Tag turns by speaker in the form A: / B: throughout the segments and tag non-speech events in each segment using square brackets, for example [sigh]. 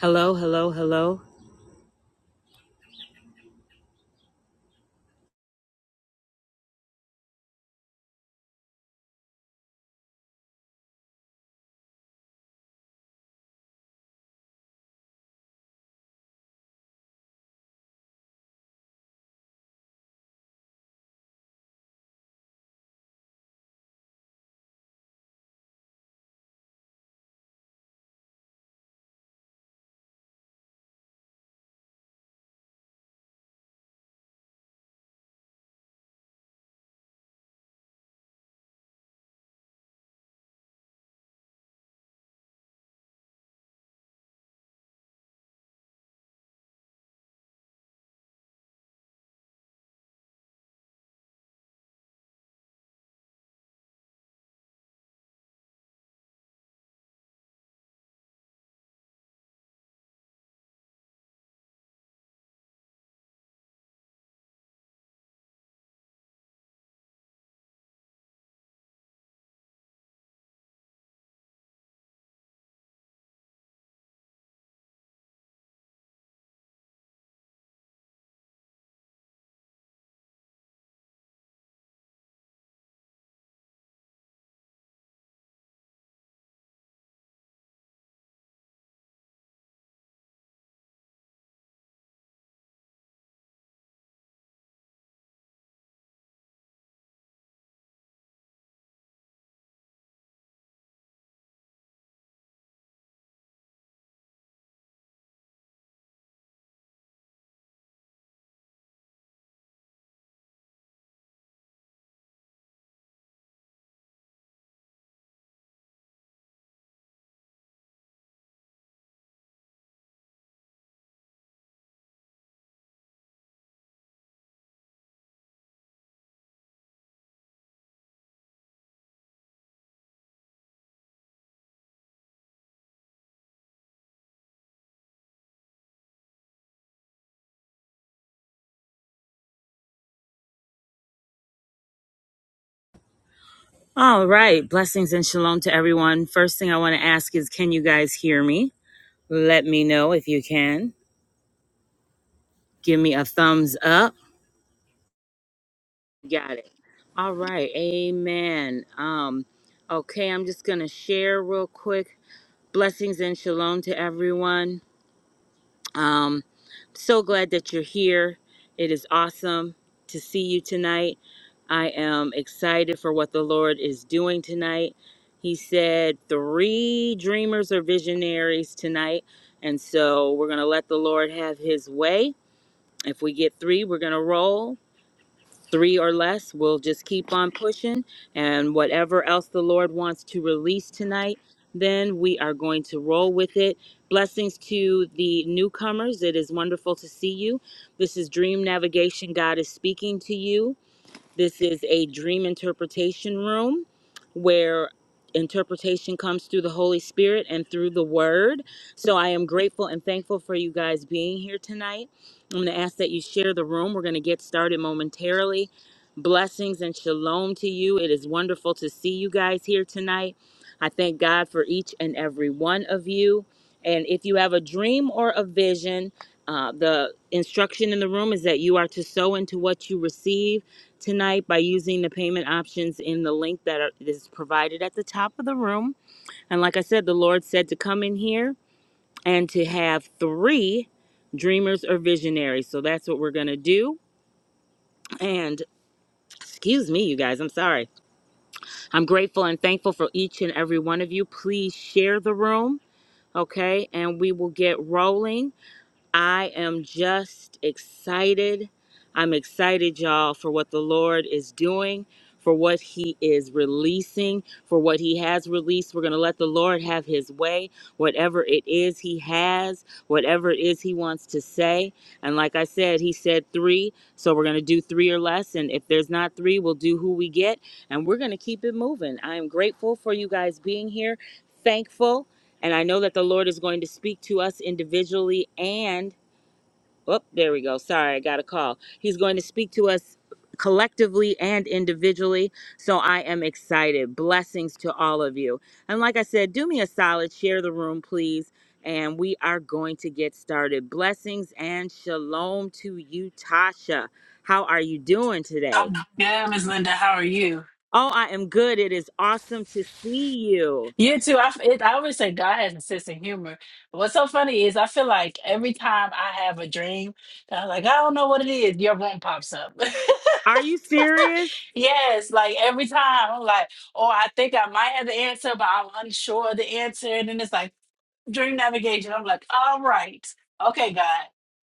A: Hello, hello, hello. All right. Blessings and shalom to everyone. First thing I want to ask is can you guys hear me? Let me know if you can. Give me a thumbs up. Got it. All right. Amen. Um okay, I'm just going to share real quick. Blessings and shalom to everyone. Um so glad that you're here. It is awesome to see you tonight. I am excited for what the Lord is doing tonight. He said three dreamers or visionaries tonight. And so we're going to let the Lord have his way. If we get three, we're going to roll. Three or less, we'll just keep on pushing. And whatever else the Lord wants to release tonight, then we are going to roll with it. Blessings to the newcomers. It is wonderful to see you. This is Dream Navigation. God is speaking to you. This is a dream interpretation room where interpretation comes through the Holy Spirit and through the Word. So I am grateful and thankful for you guys being here tonight. I'm going to ask that you share the room. We're going to get started momentarily. Blessings and shalom to you. It is wonderful to see you guys here tonight. I thank God for each and every one of you. And if you have a dream or a vision, uh, the instruction in the room is that you are to sow into what you receive tonight by using the payment options in the link that are, is provided at the top of the room. And like I said, the Lord said to come in here and to have three dreamers or visionaries. So that's what we're going to do. And excuse me, you guys, I'm sorry. I'm grateful and thankful for each and every one of you. Please share the room, okay? And we will get rolling. I am just excited. I'm excited, y'all, for what the Lord is doing, for what He is releasing, for what He has released. We're going to let the Lord have His way, whatever it is He has, whatever it is He wants to say. And like I said, He said three, so we're going to do three or less. And if there's not three, we'll do who we get, and we're going to keep it moving. I am grateful for you guys being here, thankful. And I know that the Lord is going to speak to us individually and Oh, there we go. Sorry, I got a call. He's going to speak to us collectively and individually. So I am excited. Blessings to all of you. And like I said, do me a solid, share the room, please. And we are going to get started. Blessings and shalom to you, Tasha. How are you doing today?
B: I'm good, Ms. Linda. How are you?
A: Oh, I am good. It is awesome to see you.
B: You too. I, it, I always say God has a sense of humor. What's so funny is I feel like every time I have a dream, that I'm like, I don't know what it is, your room pops up.
A: Are you serious?
B: [laughs] yes, like every time I'm like, oh, I think I might have the answer, but I'm unsure of the answer. And then it's like, dream navigation. I'm like, all right. Okay, God.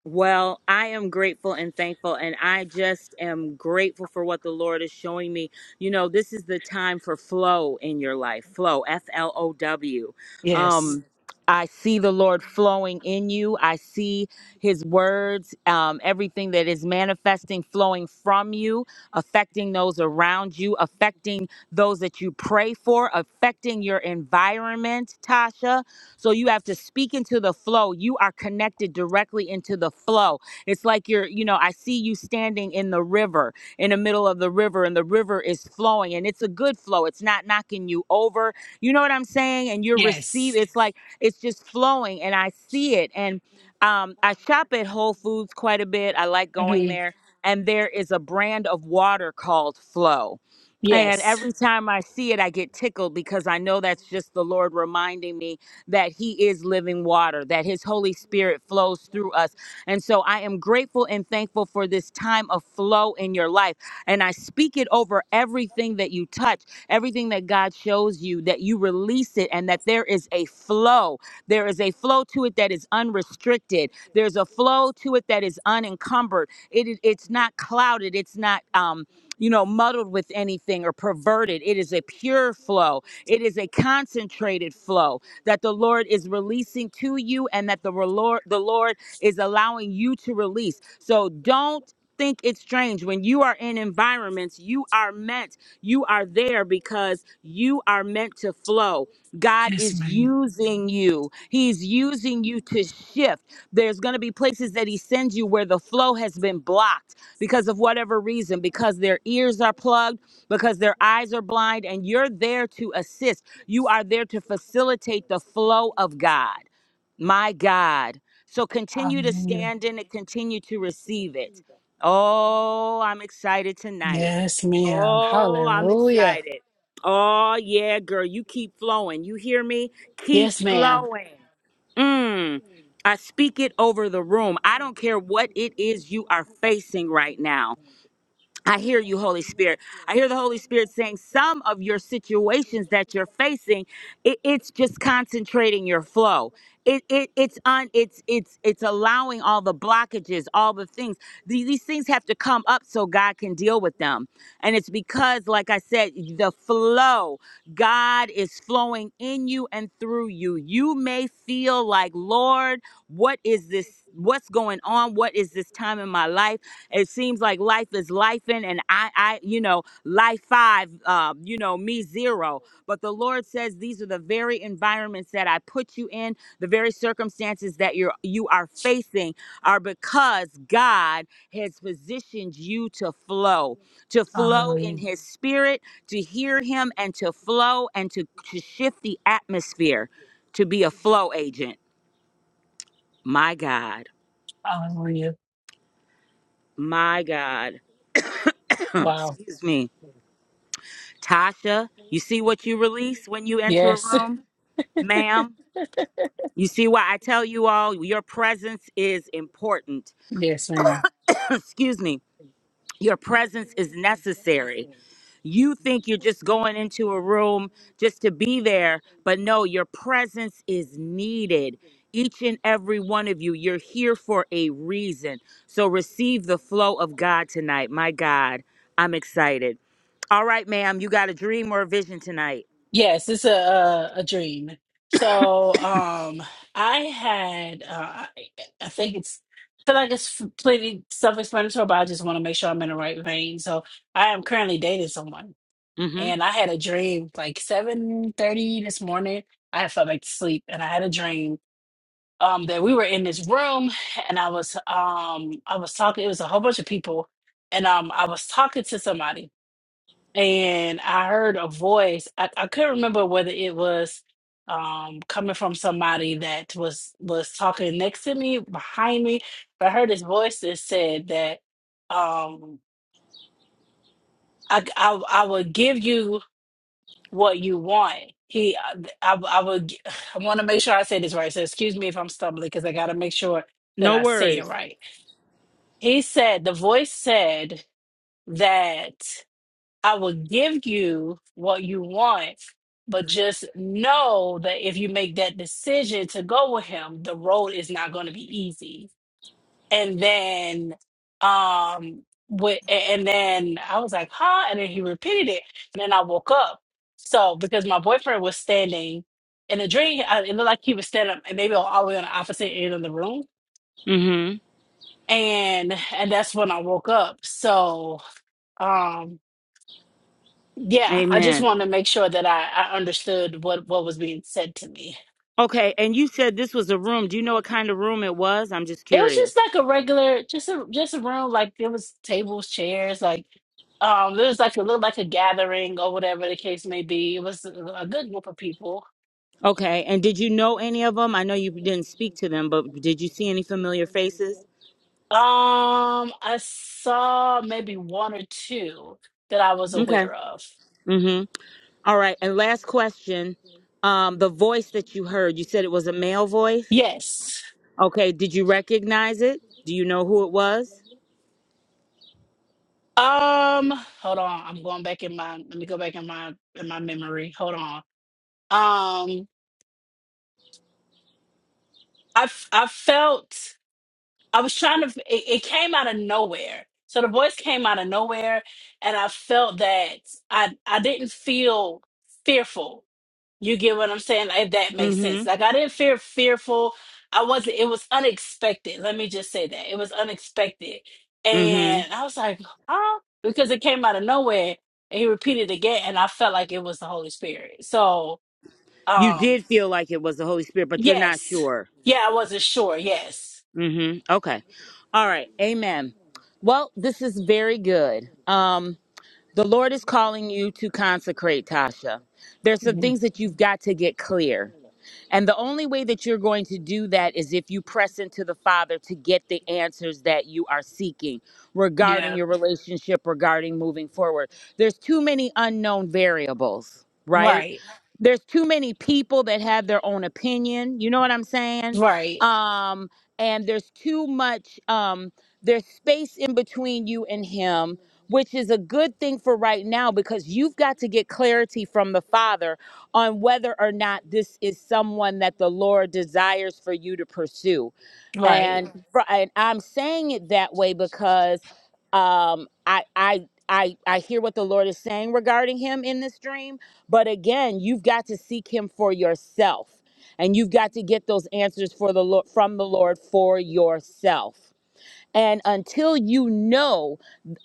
A: Well, I am grateful and thankful, and I just am grateful for what the Lord is showing me. You know, this is the time for flow in your life. Flow, F L O W.
B: Yes.
A: Um, I see the Lord flowing in you. I see His words, um, everything that is manifesting, flowing from you, affecting those around you, affecting those that you pray for, affecting your environment, Tasha so you have to speak into the flow. You are connected directly into the flow. It's like you're, you know, I see you standing in the river, in the middle of the river, and the river is flowing and it's a good flow. It's not knocking you over. You know what I'm saying? And you're
B: Yes.
A: receiving, it's like it's just flowing and I see it. And um, I shop at Whole Foods quite a bit. I like going
B: hmm
A: there. And there is a brand of water called Flow. And
B: Yes.
A: every time I see it, I get tickled because I know that's just the Lord reminding me that He is living water, that His Holy Spirit flows through us. And so I am grateful and thankful for this time of flow in your life. And I speak it over everything that you touch, everything that God shows you, that you release it and that there is a flow. There is a flow to it that is unrestricted, there's a flow to it that is unencumbered. It, it- it's not clouded, it's not, um, you know, muddled with anything or perverted. It is a pure flow. It is a concentrated flow that the Lord is releasing to you and that the Lord, the Lord is allowing you to release. So don't think it's strange when you are in environments you are meant you are there because you are meant to flow god
B: Yes,
A: is
B: ma'am.
A: using you he's using you to shift there's going to be places that he sends you where the flow has been blocked because of whatever reason because their ears are plugged because their eyes are blind and you're there to assist you are there to facilitate the flow of God. My God. So continue to stand in it, continue to receive it. Oh, I'm excited
B: Hallelujah.
A: tonight.
B: Yes, ma'am.
A: Oh, I'm
B: Hallelujah.
A: excited. Oh, yeah, girl, you keep flowing. You hear me? Keep
B: Yes, ma'am.
A: flowing. Mm. I speak it over the room. I don't care what it is you are facing right now. I hear you, Holy Spirit. I hear the Holy Spirit saying some of your situations that you're facing, it, it's just concentrating your flow. It, it it's on it's it's it's allowing all the blockages, all the things. These These things have to come up so God can deal with them. And it's because, like I said, the flow, God is flowing in you and through you. You may feel like, Lord, what is this? What's going on? What is this time in my life? It seems like life is lifing, and I, I, you know, life five, uh, you know, me zero. But the Lord says these are the very environments that I put you in, the very circumstances that you're you are facing are because God has positioned you to flow, to flow in his spirit, to hear him and to flow and to, to shift the atmosphere, to be a flow agent. My God.
B: Hallelujah. Hallelujah.
A: My God. [clears throat]
B: Wow.
A: Excuse me Tasha, you see what you release when you enter a
B: Yes. [laughs]
A: room, ma'am? You see why I tell you all your presence is important.
B: Yes, ma'am.
A: [clears throat] Excuse me. Your presence is necessary. You think you're just going into a room just to be there, but no, your presence is needed. Each and every one of you, you're here for a reason. So receive the flow of God tonight. My God, I'm excited. All right, ma'am, you got a dream or a vision tonight.
B: Yes, it's a a, a dream. So um, I had uh, I I think it's I feel like it's f- pretty self-explanatory, but I just want to make sure I'm in the right vein. So I am currently dating someone,
A: Mm-hmm.
B: and I had a dream like 7:30 this morning. I had fell back to sleep, and I had a dream um, that we were in this room, and I was um, I was talking. It was a whole bunch of people, and um, I was talking to somebody and I heard a voice. I, I couldn't remember whether it was um coming from somebody that was was talking next to me, behind me, but I heard his voice that said that um I I, I will give you what you want. He I I would [sighs] I want to make sure I say this right. So excuse me if I'm stumbling because I got to make sure that
A: No
B: I say it
A: worries.
B: right. He said the voice said that. I will give you what you want, but just know that if you make that decision to go with him, the road is not going to be easy. And then, um, with, and then I was like, huh? And then he repeated it. And then I woke up. So, because my boyfriend was standing in a dream, I- it looked like he was standing maybe all the way on the opposite end of the room.
A: Mm-hmm.
B: And, and that's when I woke up. So, um. Yeah, I just
A: Amen.
B: want to make sure that I, I understood what, what was being said to me.
A: Okay, and you said this was a room. Do you know what kind of room it was? I'm just
B: It was
A: curious.
B: just like a regular, just a just a room. Like there was tables, chairs, like um, there was like a little like a gathering or whatever the case may be. It was a, a good group of people.
A: Okay, and did you know any of them? I know you didn't speak to them, but did you see any familiar faces?
B: Um, I saw maybe one or two that I was
A: Okay.
B: aware of.
A: Mm-hmm. All right, and last question. Um, the voice that you heard, you said it was a male voice.
B: Yes.
A: Okay, did you recognize it? Do you know who it was?
B: Um, hold on. I'm going back in my let me go back in my in my memory. Hold on. Um, I f- I felt I was trying to it, it came out of nowhere. So the voice came out of nowhere and I felt that I I didn't feel fearful. You get what I'm saying? If that makes sense.
A: Mm-hmm.
B: Like I didn't feel fearful. I wasn't it was unexpected. Let me just say that. It was unexpected.
A: Mm-hmm.
B: And I was like, huh? Because it came out of nowhere and he repeated again and I felt like it was the Holy Spirit. So
A: You
B: um
A: did feel like it was the Holy Spirit, but you're not
B: yes.
A: sure.
B: Yeah, I wasn't sure, yes.
A: Mm-hmm. Okay. All right. Amen. Well, this is very good. Um, the Lord is calling you to consecrate, Tasha. There's some
B: Mhm.
A: things that you've got to get clear. And the only way that you're going to do that is if you press into the Father to get the answers that you are seeking regarding
B: Yeah.
A: your relationship, regarding moving forward. There's too many unknown variables, right?
B: Right.
A: There's too many people that have their own opinion. You know what I'm saying?
B: Right.
A: Um, and there's too much, um, there's space in between you and Him, which is a good thing for right now because you've got to get clarity from the Father on whether or not this is someone that the Lord desires for you to pursue.
B: Right.
A: And, fr- and I'm saying it that way because um, I, I, I, I hear what the Lord is saying regarding him in this dream. But again, you've got to seek him for yourself and you've got to get those answers for the Lord from the Lord for yourself. And until you know,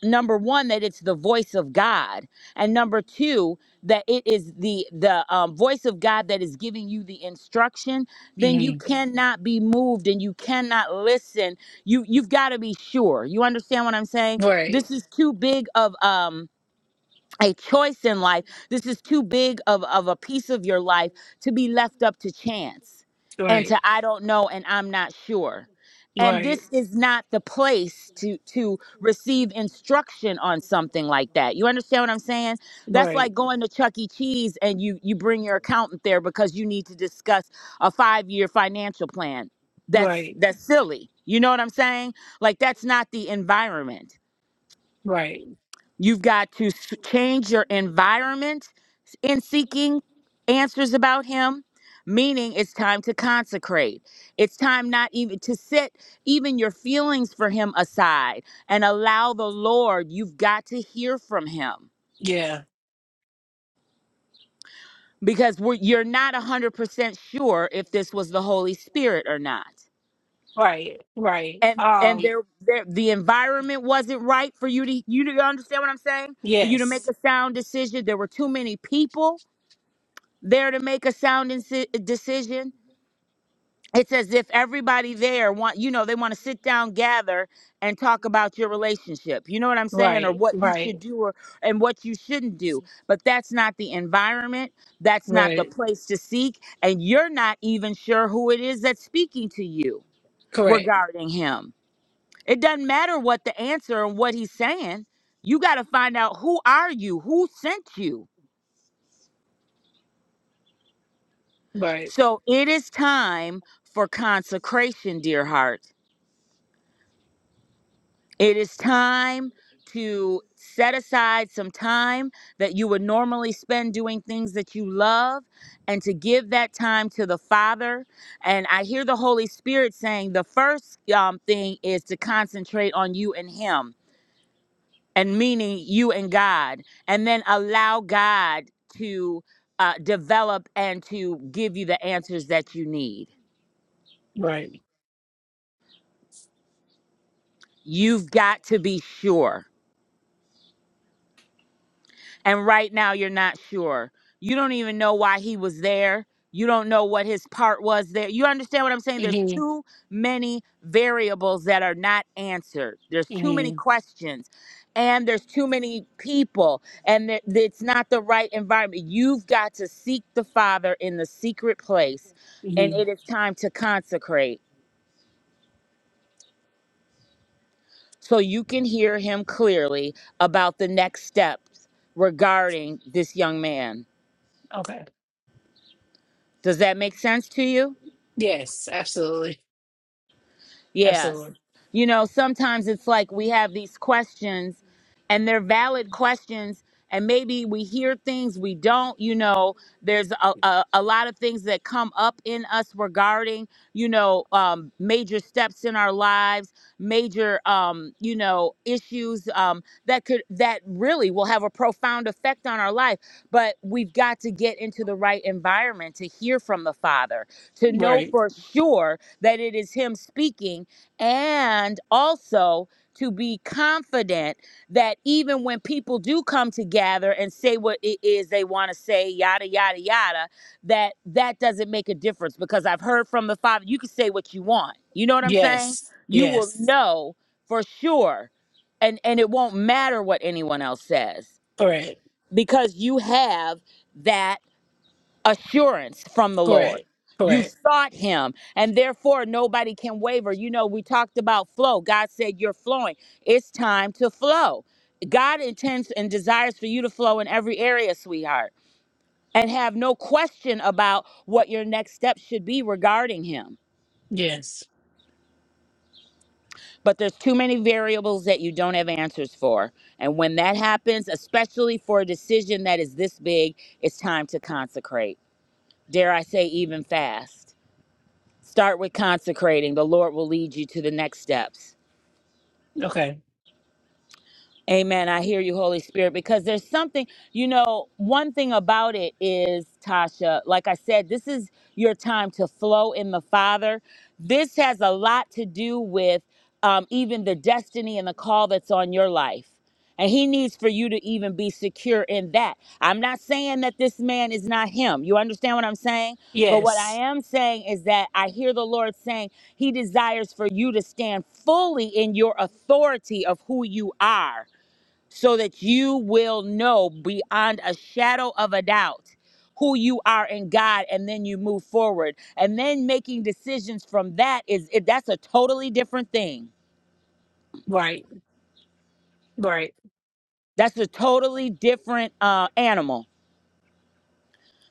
A: number one, that it's the voice of God, and number two, that it is the the um, voice of God that is giving you the instruction, then
B: Mm-hmm.
A: you cannot be moved and you cannot listen. You you've got to be sure. You understand what I'm saying?
B: Right.
A: This is too big of um a choice in life. This is too big of, of a piece of your life to be left up to chance and
B: Right.
A: to I don't know and I'm not sure. And
B: Right.
A: this is not the place to to receive instruction on something like that. You understand what I'm saying? That's like
B: Right.
A: going to Chuck E. Cheese and you you bring your accountant there because you need to discuss a five year financial plan. That's
B: Right.
A: that's silly. You know what I'm saying? Like that's not the environment
B: Right.
A: You've got to s- change your environment in seeking answers about Him, meaning it's time to consecrate. It's time not even to set even your feelings for Him aside and allow the Lord. You've got to hear from Him
B: Yeah.
A: because we're, you're not 100% sure if this was the Holy Spirit or not.
B: Right. Right.
A: And and
B: Um.
A: there, there the environment wasn't right for you to you to you understand what I'm saying? For you to make a
B: Yes.
A: sound decision. There were too many people there to make a sound inci- decision. It's as if everybody there want you know they want to sit down, gather, and talk about your relationship. You know what I'm saying, or
B: Right.
A: what you should
B: Right.
A: do, or and what you shouldn't do. But that's not the environment. That's not the
B: Right.
A: place to seek, and you're not even sure who it is that's speaking to you
B: Correct.
A: regarding him. It doesn't matter what the answer and what he's saying. You got to find out who are you, who sent you
B: Right.
A: So it is time for consecration, dear heart. It is time to set aside some time that you would normally spend doing things that you love and to give that time to the Father. And I hear the Holy Spirit saying the first um, thing is to concentrate on you and Him, and meaning you and God, and then allow God to uh, develop and to give you the answers that you need.
B: Right.
A: You've got to be sure. And right now, you're not sure. You don't even know why he was there. You don't know what his part was there. You understand what I'm saying? There's
B: Mhm.
A: too many variables that are not answered. There's too many
B: Mhm.
A: questions, and there's too many people, and th- th- it's not the right environment. You've got to seek the Father in the secret place, and
B: Mhm.
A: it is time to consecrate. so you can hear him clearly about the next steps regarding this young man.
B: Okay.
A: Does that make sense to you?
B: Yes, absolutely.
A: Yes.
B: Absolutely.
A: You know, sometimes it's like we have these questions and they're valid questions and maybe we hear things we don't you know there's a, a, a lot of things that come up in us regarding you know um, major steps in our lives major um, you know issues um, that could that really will have a profound effect on our life but we've got to get into the right environment to hear from the father to know
B: Right.
A: for sure that it is him speaking and also to be confident that even when people do come to gather and say what it is they want to say yada yada yada that that doesn't make a difference because i've heard from the father you can say what you want you know what i'm saying
B: Yes.
A: you will
B: Yes.
A: know for sure and and it won't matter what anyone else says
B: Correct.
A: because you have that assurance from the Lord.
B: Correct.
A: You
B: Correct.
A: sought him, and therefore nobody can waver. You know, we talked about flow. God said, You're flowing. It's time to flow. God intends and desires for you to flow in every area, sweetheart, and have no question about what your next steps should be regarding him.
B: Yes.
A: But there's too many variables that you don't have answers for. And when that happens, especially for a decision that is this big, it's time to consecrate. Dare I say, even fast. Start with consecrating. The Lord will lead you to the next steps.
B: Okay.
A: Amen. I hear you, Holy Spirit, because there's something, you know, one thing about it is, Tasha, like I said, this is your time to flow in the Father. This has a lot to do with um, even the destiny and the call that's on your life. And he needs for you to even be secure in that. I'm not saying that this man is not him. You understand what I'm saying? But what I
B: Yes.
A: am saying is that I hear the Lord saying he desires for you to stand fully in your authority of who you are so that you will know beyond a shadow of a doubt who you are in God and then you move forward and then making decisions from that is it, that's a totally different thing
B: Right. Right.
A: that's a totally different uh animal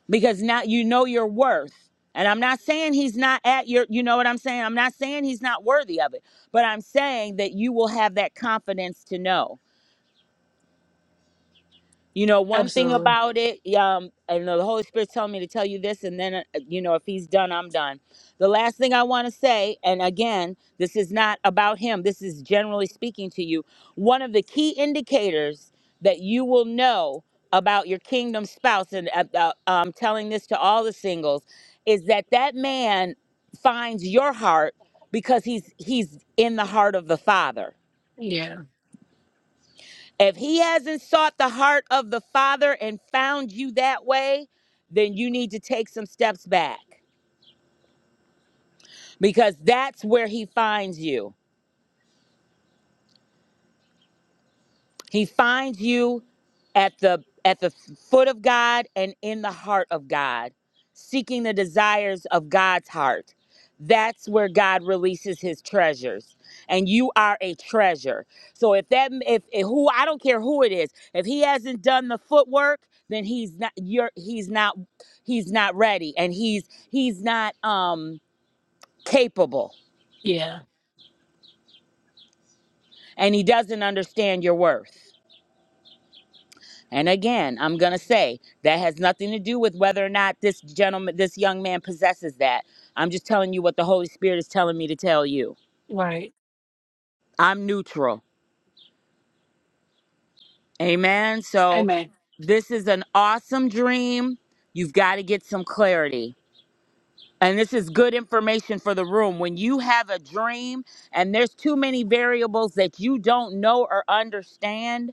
A: because now you know your worth and I'm not saying he's not at your you know what I'm saying I'm not saying he's not worthy of it but I'm saying that you will have that confidence to know You know, one thing
B: Absolutely.
A: about it, um, I know the Holy Spirit told me to tell you this, and then, uh, uh, you know, if he's done, I'm done. The last thing I want to say, and again, this is not about him, this is generally speaking to you. One of the key indicators that you will know about your kingdom spouse, and uh, uh, I'm telling this to all the singles, is that that man finds your heart because he's he's in the heart of the Father
B: Yeah.
A: if he hasn't sought the heart of the Father and found you that way, then you need to take some steps back because that's where he finds you. He finds you at the at the foot of God and in the heart of God, seeking the desires of God's heart. That's where God releases his treasures. And you are a treasure. So if that if, if who I don't care who it is, if he hasn't done the footwork, then he's not you're he's not he's not ready and he's he's not um capable
B: Yeah.
A: and he doesn't understand your worth. And again, I'm going to say that has nothing to do with whether or not this gentleman, this young man possesses that. I'm just telling you what the Holy Spirit is telling me to tell you.
B: Right.
A: I'm neutral. Amen. So
B: Amen.
A: this is an awesome dream. You've got to get some clarity. And this is good information for the room. When you have a dream and there's too many variables that you don't know or understand,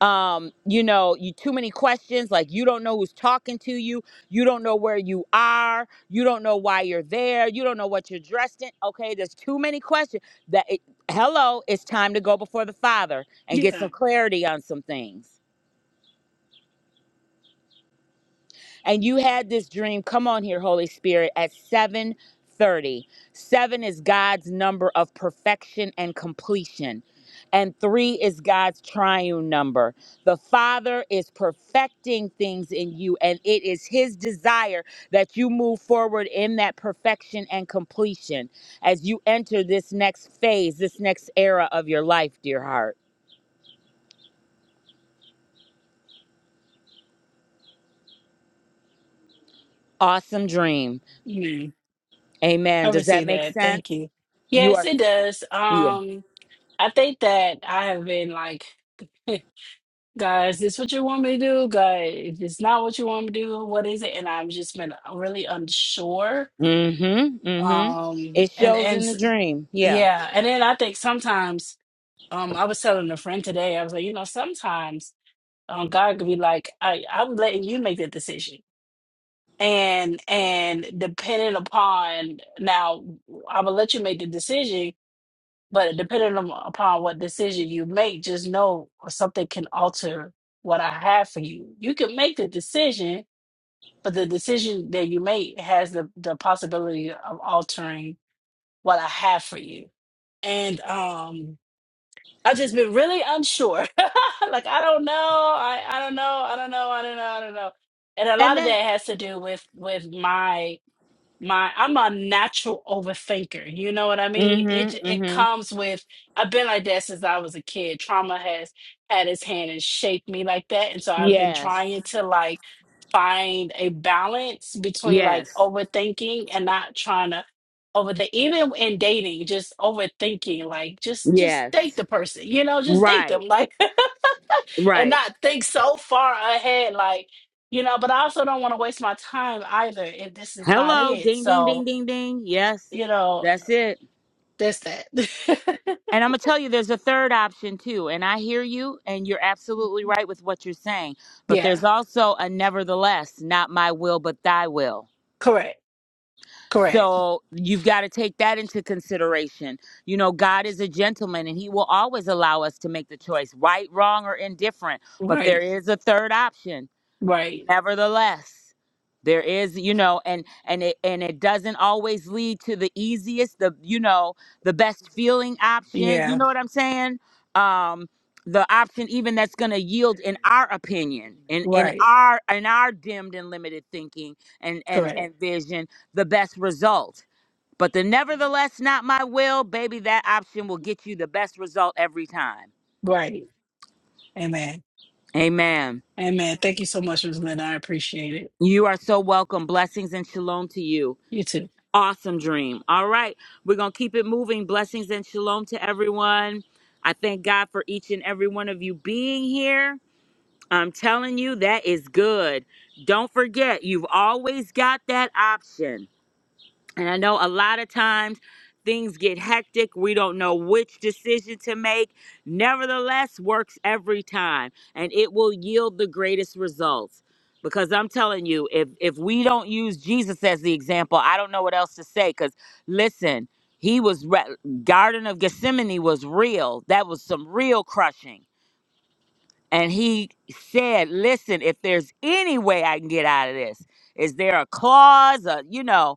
A: um you know you too many questions like you don't know who's talking to you you don't know where you are you don't know why you're there you don't know what you're dressed in okay there's too many questions that it, hello it's time to go before the father and get
B: Yeah.
A: some clarity on some things and you had this dream come on here holy spirit at 7 thirty. 7 is god's number of perfection and completion and 3 is god's triune number the father is perfecting things in you and it is his desire that you move forward in that perfection and completion as you enter this next phase this next era of your life dear heart awesome dream
B: Amen. I
A: amen does that
B: receive
A: make
B: that.
A: sense
B: Thank you.
A: you
B: Yes,
A: are
B: it does.
A: yeah
B: Um, I think that I have been like [laughs] Guys, is this what you want me to do? Guys, if it's not what you want me to do, what is it? And I'm just been really unsure.
A: Mm-hmm. Mm-hmm.
B: Um,
A: It
B: and
A: shows
B: and
A: in the
B: s-
A: dream. Yeah.
B: yeah, and then I think sometimes, um, I was telling a friend today, I was like, you know, sometimes, um, God could be like, I, I'm letting you make that decision. And and depending upon now, I'm gonna let you make the decision, But depending on, upon what decision you make, just know something can alter what I have for you. You can make the decision, but the decision that you make has the, the possibility of altering what I have for you. And um, I've just been really unsure. [laughs] like I don't know, I, I don't know, I don't know, I don't know, I don't know. And a
A: And
B: lot of
A: that
B: that has to do with with my my I'm a natural overthinker. You know what I mean? It j-
A: Mm-hmm.
B: it
A: Mm-hmm.
B: comes with I've been like that since I was a kid. Trauma has had its hand and shaped me like that, and so I've been
A: Yes.
B: trying to like find a balance between like
A: Yes.
B: overthinking and not trying to over the even in dating just overthinking like just just
A: Yes.
B: date the person you know just date them
A: Right.
B: like [laughs] and
A: Right.
B: not think so far ahead. Like you know, but I also don't want to waste my time either if this is not
A: Hello.
B: it.
A: Ding ding ding
B: So,
A: ding ding. Yes.
B: you know,
A: That's it.
B: that's that.
A: And I'm gonna tell you there's a third option too. And I hear you and you're absolutely right with what you're saying.
B: [laughs]
A: But
B: yeah,
A: there's also a nevertheless, not my will but thy will.
B: correct, correct,
A: So you've got to take that into consideration. You know, God is a gentleman and he will always allow us to make the choice, right, wrong, or indifferent. But there
B: right,
A: is a third option
B: right,
A: nevertheless there is you know and and it and it doesn't always lead to the easiest the you know the best feeling option you
B: yeah,
A: know what i'm saying um the option even that's going to yield in our opinion in in
B: right,
A: our in our dimmed and limited thinking and and
B: correct,
A: and vision the best result but the nevertheless not my will baby that option will get you the best result every time
B: right. Amen,
A: amen
B: amen. Thank you so much, Rosalynn. I appreciate it.
A: you are so welcome blessings and shalom to you
B: You too.
A: Awesome dream. All right. We're going to keep it moving. Blessings and shalom to everyone. I thank God for each and every one of you being here. I'm telling you, that is good. Don't forget, you've always got that option. And I know a lot of times things get hectic. We don't know which decision to make. Nevertheless, works every time and it will yield the greatest results. Because I'm telling you, if if we don't use Jesus as the example, I don't know what else to say cuz listen, he was re- Garden of Gethsemane was real. That was some real crushing. And he said, "Listen, if there's any way I can get out of this, is there a clause, a, you know,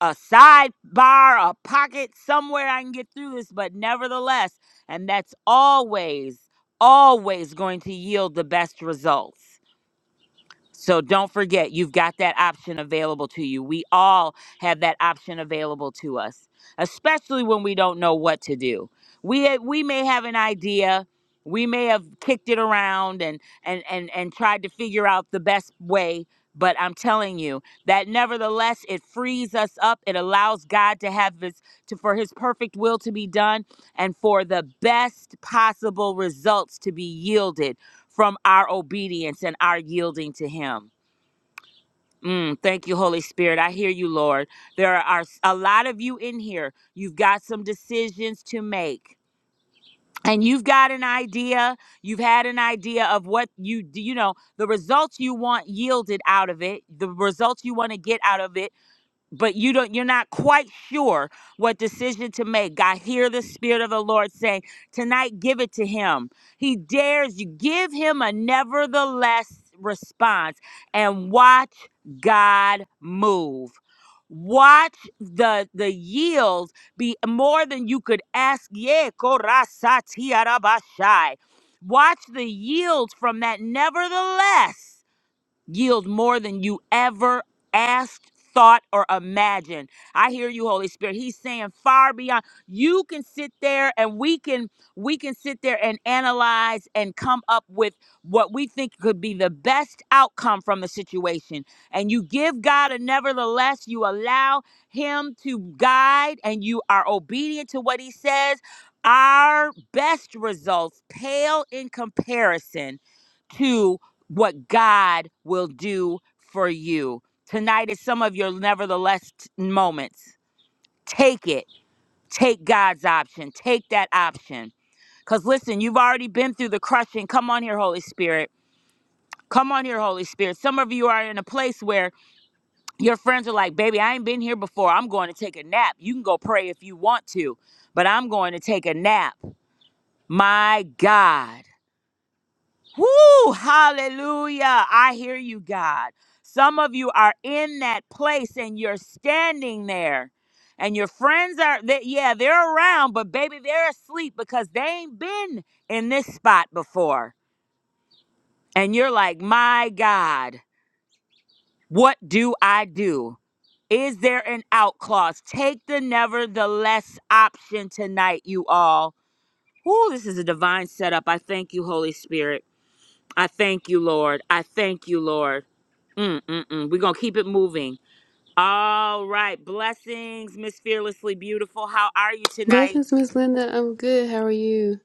A: a sidebar, a pocket somewhere I can get through this, but nevertheless, and that's always, always going to yield the best results. So don't forget, you've got that option available to you. We all have that option available to us, especially when we don't know what to do. We eh, we may have an idea, we may have kicked it around and and and and tried to figure out the best way. But I'm telling you that nevertheless, it frees us up. It allows God to have his to for his perfect will to be done and for the best possible results to be yielded from our obedience and our yielding to Him. Mm, thank you, Holy Spirit. I hear you, Lord. There are s- a lot of you in here. You've got some decisions to make. And you've got an idea. You've had an idea of what you do, you know, the results you want yielded out of it, the results you want to get out of it but you don't you're not quite sure what decision to make god hear the spirit of the lord saying tonight give it to him he dares you give him a nevertheless response and watch god move watch the the yield be more than you could ask yeah korasatiarabashai. watch the yield from that nevertheless yield more than you ever asked, thought, or imagined. I hear you, Holy Spirit. He's saying far beyond. You can sit there and we can we can sit there and analyze and come up with what we think could be the best outcome from the situation. And you give God a nevertheless, you allow him to guide and you are obedient to what he says. Our best results pale in comparison what God will do for you. Tonight is some of your nevertheless t- moments. Take it. Take God's option. Take that option. Because listen, you've already been through the crushing. Come on here, Holy Spirit. Come on here, Holy Spirit. Some of you are in a place where your friends are like, baby, I ain't been here before. I'm going to take a nap. You can go pray if you want to, but I'm going to take a nap. My God. Woo! Hallelujah. I hear you, God. Some of you are in that place and you're standing there. And your friends are that yeah, they're around, but baby, they're asleep because they ain't been in this spot before. And you're like, "My God, what do I do?" Is there an out clause? Take the nevertheless option tonight, you all. Woo, this is a divine setup. I thank you, Holy Spirit. I thank you, Lord. I thank you, Lord. Mm, mm, mm. We're going to keep it moving. All right. Blessings, Miss Fearlessly Beautiful. How are you tonight?
C: Blessings, Miss Linda. I'm good. How are you?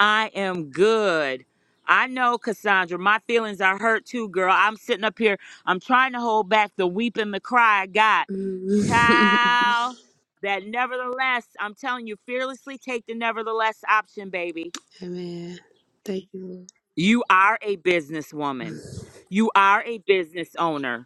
A: I am good. I know, Cassandra, my feelings are hurt too, girl. I'm sitting up here. I'm trying to hold back the weep and the cry I got.
C: Mm.
A: Child, that nevertheless, I'm telling you, fearlessly take the nevertheless option, baby.
C: [laughs] Amen. Thank you. Lord.
A: You are a businesswoman, you are a business owner.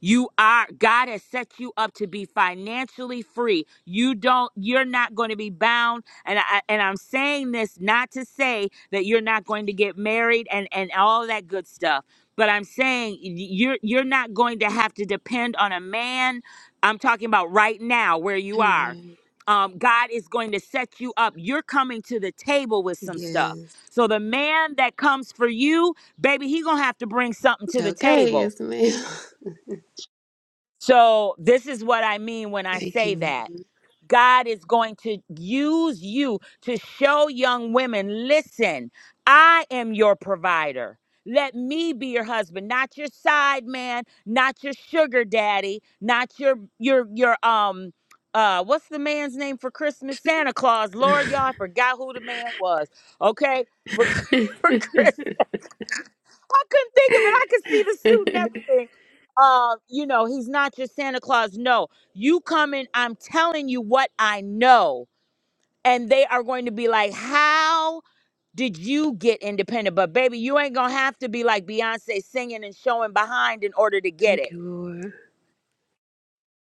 A: You are, God has set you up to be financially free. You don't, you're not going to be bound. And I, and I'm saying this not to say that you're not going to get married and, and all that good stuff. But I'm saying you're, you're not going to have to depend on a man. I'm talking about right now where you are.
C: Amen.
A: Um, God is going to set you up. You're coming to the table with some stuff.
C: Yes.
A: So the man that comes for you, baby, he gonna have to bring something to the
C: Okay.
A: table
C: Yes, ma'am.
A: so, this is what I mean when
C: [laughs]
A: I
C: Thank
A: say
C: you.
A: that.
C: Lord.
A: God is going to use you to show young women listen, I am your provider. Let me be your husband, not your side man, not your sugar daddy, not your your your um uh what's the man's name for Christmas? Santa Claus. Lord, y'all, I forgot who the man was. Okay? For,
C: [laughs]
A: [laughs] for Christmas. I couldn't think of it. I could see the suit and everything. Uh, you know, he's not your Santa Claus. No, you coming? I'm telling you what I know, and they are going to be like, "How did you get independent?" But baby, you ain't gonna have to be like Beyonce singing and showing behind in order to get it.
C: Thank you, Lord.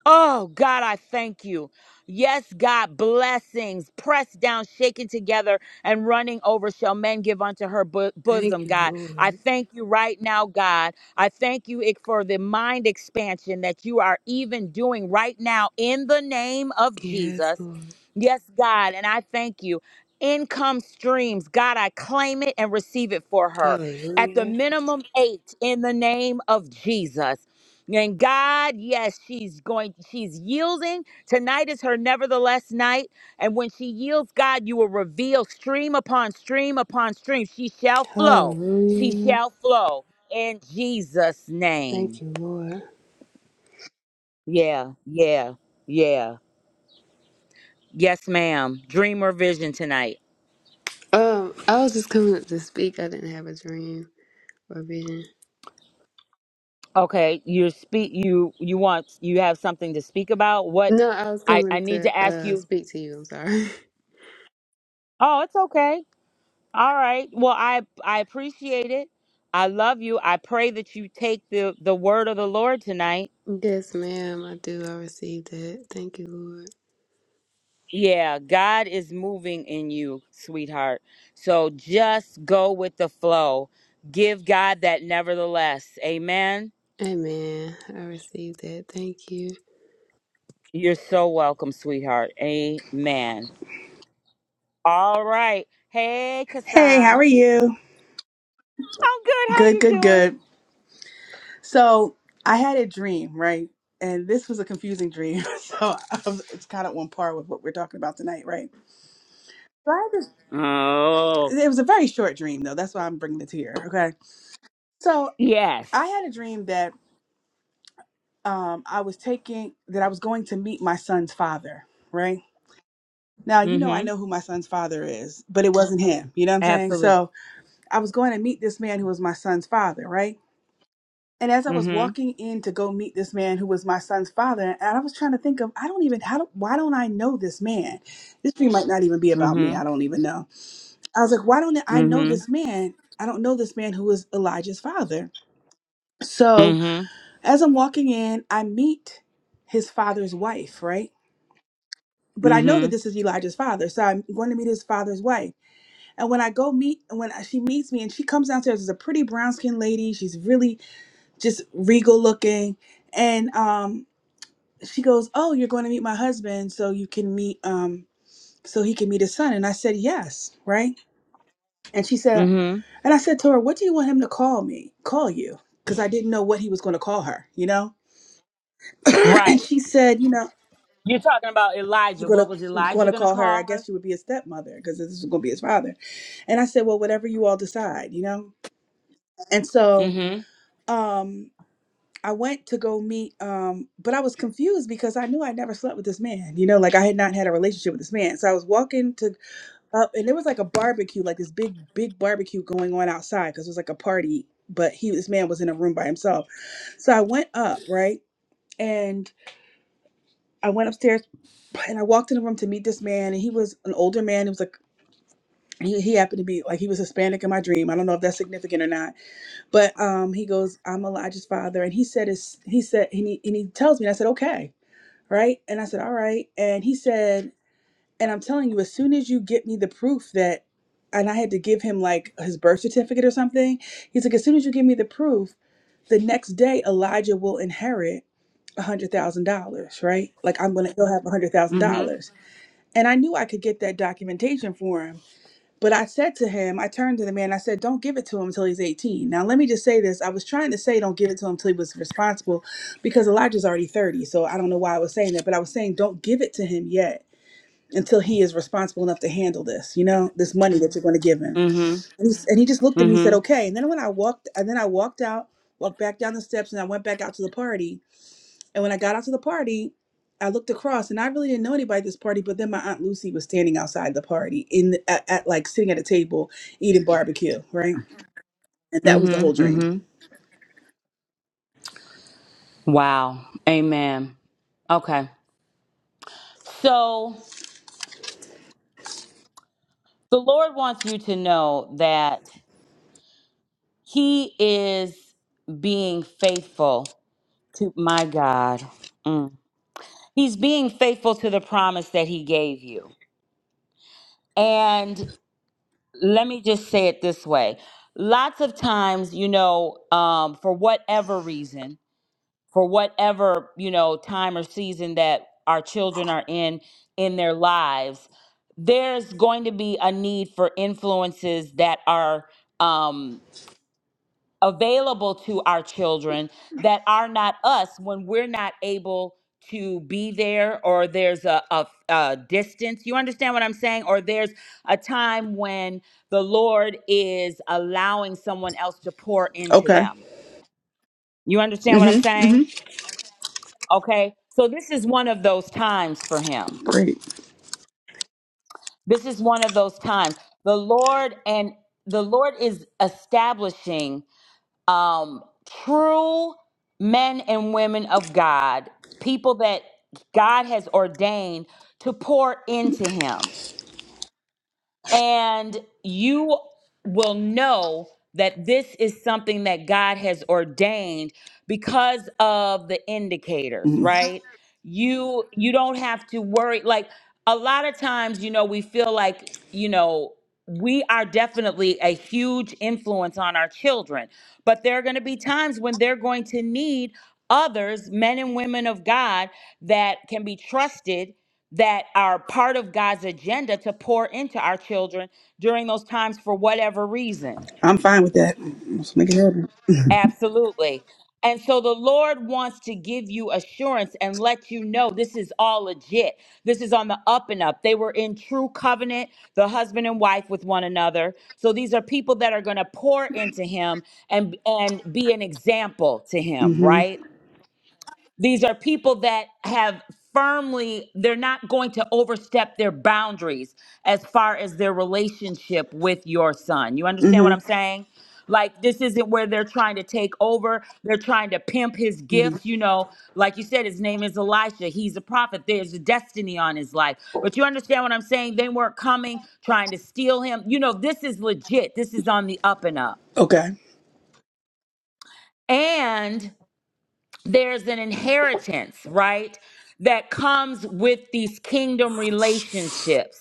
A: Oh, God, I thank you. Yes, God, blessings pressed down, shaken together, and running over shall men give unto her bo-
C: Thank
A: bosom,
C: you,
A: God. I
C: Lord.
A: thank you right now, God. I thank you ik- for the mind expansion that you are even doing right now in the name of
C: Yes,
A: Jesus.
C: Lord.
A: Yes, God, and I thank you. Income streams, God, I claim it and receive it for her at the
C: Hallelujah.
A: minimum eight in the name of Jesus. And God, yes, she's going, she's yielding. Tonight is her nevertheless night. And when she yields, God, you will reveal stream upon stream upon stream. She shall flow. She
C: Hallelujah.
A: shall flow in Jesus'
C: Thank
A: name.
C: you, Lord.
A: Yeah, yeah, yeah. Yes, ma'am. Dream or vision tonight.
C: Um, I was just coming up to speak. I didn't have a dream or vision.
A: Okay, you speak you you want you have something to speak about? What
C: No, I was
A: I I
C: coming
A: need
C: to
A: to ask
C: uh
A: you.
C: speak to you. I'm sorry. [laughs]
A: Oh, it's okay. All right. Well, I I appreciate it. I love you. I pray that you take the the word of the Lord tonight.
C: Yes, ma'am. I do. I received that. Thank you, Lord.
A: Yeah, God is moving in you, sweetheart. So just go with the flow. Give God that nevertheless. Amen.
C: Amen. I received that. Thank you.
A: You're so welcome, sweetheart. Amen. All right. Hey,
D: Hey, how
A: Kasan.
D: are you?
A: I'm good. How
D: Good,
A: you
D: good,
A: doing?
D: good. So I had a dream, right? And this was a confusing dream. [laughs] So um, it's kind of on par with what we're talking about tonight, right? So I had
A: Oh.
D: this, it was a very short dream, though. That's why I'm bringing it to here. Okay. So
A: Yes.
D: I had a dream that um, I was taking, that I was going to meet my son's father, right? Now, you
A: mm
D: know, I
A: Mhm.
D: know who my son's father is, but it wasn't him. You know what I'm saying?
A: Absolutely.
D: So I was going to meet this man who was my son's father, right? And as I was
A: mm
D: walking in to go meet this man who was my son's father, and I was trying to think of, I don't even, how do, why don't I know this man? This thing might not even be about me.
A: Mhm. mm Mhm.
D: I don't even know. I was like, why don't
A: mm
D: I know
A: Mhm. mm
D: this man? I don't know this man who is Elijah's father. So
A: Mhm.
D: as I'm walking in, I meet his father's wife, right? But I know that
A: Mm-hmm.
D: this is Elijah's father, so I'm going to meet his father's wife. And when I go meet, when she meets me, and she comes downstairs, is a pretty brown skinned lady. She's really just regal looking, and um, she goes, "Oh, you're going to meet my husband, so you can meet, um, so he can meet his son." And I said, "Yes, right." And she said,
A: Mm-hmm.
D: and I said to her, "What do you want him to call me? Call you?" Because I didn't know what he was going to call her, you know. [clears throat] and
A: Right.
D: she said, "You know,
A: You're talking about
D: you're
A: Elijah.
D: going
A: What was
D: to going
A: Elijah
D: to
A: going to
D: call her. I
A: call her?
D: guess she would be his stepmother because this is going to be his father." And I said, "Well, whatever you all decide, you know." And so,
A: Mm-hmm.
D: um. I went to go meet, um, but I was confused because I knew I never slept with this man. You know, like I had not had a relationship with this man. So I was walking to up and there was like a barbecue like this big big barbecue going on outside because it was like a party but he this man was in a room by himself so i went up right and i went upstairs and i walked in the room to meet this man and he was an older man it was like he, he happened to be like he was hispanic in my dream i don't know if that's significant or not but um he goes i'm elijah's father and he said is he said and he, and he tells me and i said okay right and i said all right and he said And I'm telling you, as soon as you get me the proof that, and I had to give him like his birth certificate or something, he's like, as soon as you give me the proof, the next day Elijah will inherit a hundred thousand dollars, right? Like I'm gonna he'll have a hundred thousand
A: Mm-hmm.
D: dollars. And I knew I could get that documentation for him. But I said to him, I turned to the man, I said, Don't give it to him until he's 18. Now let me just say this. I was trying to say don't give it to him until he was responsible because Elijah's already 30. So I don't know why I was saying that, but I was saying don't give it to him yet until he is responsible enough to handle this, you know, this money that you're going to give him.
A: Mm-hmm.
D: And he, and he just looked at me and said,
A: Mm-hmm.
D: okay. And then when I walked, and then I walked out, walked back down the steps and I went back out to the party. And when I got out to the party, I looked across and I really didn't know anybody at this party, but then my aunt Lucy was standing outside the party in at, at like sitting at a table eating barbecue. Right. And that was the whole
A: Mm-hmm.
D: dream.
A: Mm-hmm. Wow. Amen. Okay. So the Lord wants you to know that He is being faithful to my God. Mm. He's being faithful to the promise that He gave you. and. let me just say it this way lots of times you know um, for whatever reason for whatever you know time or season that our children are in in their lives there's going to be a need for influences that are um available to our children that are not us when we're not able to be there or there's a, a, a distance. You understand what I'm saying? Or there's a time when the Lord is allowing someone else to pour into
D: Okay.
A: them. You understand what I'm
D: Mm-hmm.
A: saying?
D: Mm-hmm.
A: Okay. So this is one of those times for him.
D: Great.
A: This is one of those times. The Lord and the Lord is establishing um, true men and women of God, people that God has ordained to pour into him and you will know that this is something that God has ordained because of the indicators,
D: hmm
A: right? You you don't have to worry like a lot of times you know we feel like, you know, we are definitely a huge influence on our children, but there are going to be times when they're going to need others, men and women of God that can be trusted that are part of God's agenda to pour into our children during those times for whatever reason.
D: I'm fine with that. Let's make it happen. [laughs]
A: Absolutely. And so the Lord wants to give you assurance and let you know this is all legit. This is on the up and up. They were in true covenant, the husband and wife with one another. So these are people that are going to pour into him and and be an example to him,
D: Mm-hmm.
A: right? These are people that have firmly, they're not going to overstep their boundaries as far as their relationship with your son. You understand what
D: Mm-hmm.
A: I'm saying? Like, this isn't where they're trying to take over. They're trying to pimp his
D: hmm
A: gifts. You know, like you said, his name is Elisha. He's a prophet. There's a destiny on his life. But you understand what I'm saying? They weren't coming, trying to steal him. You know, this is legit. This is on the up and up.
D: Okay.
A: And. there's an inheritance, right, that comes with these kingdom relationships.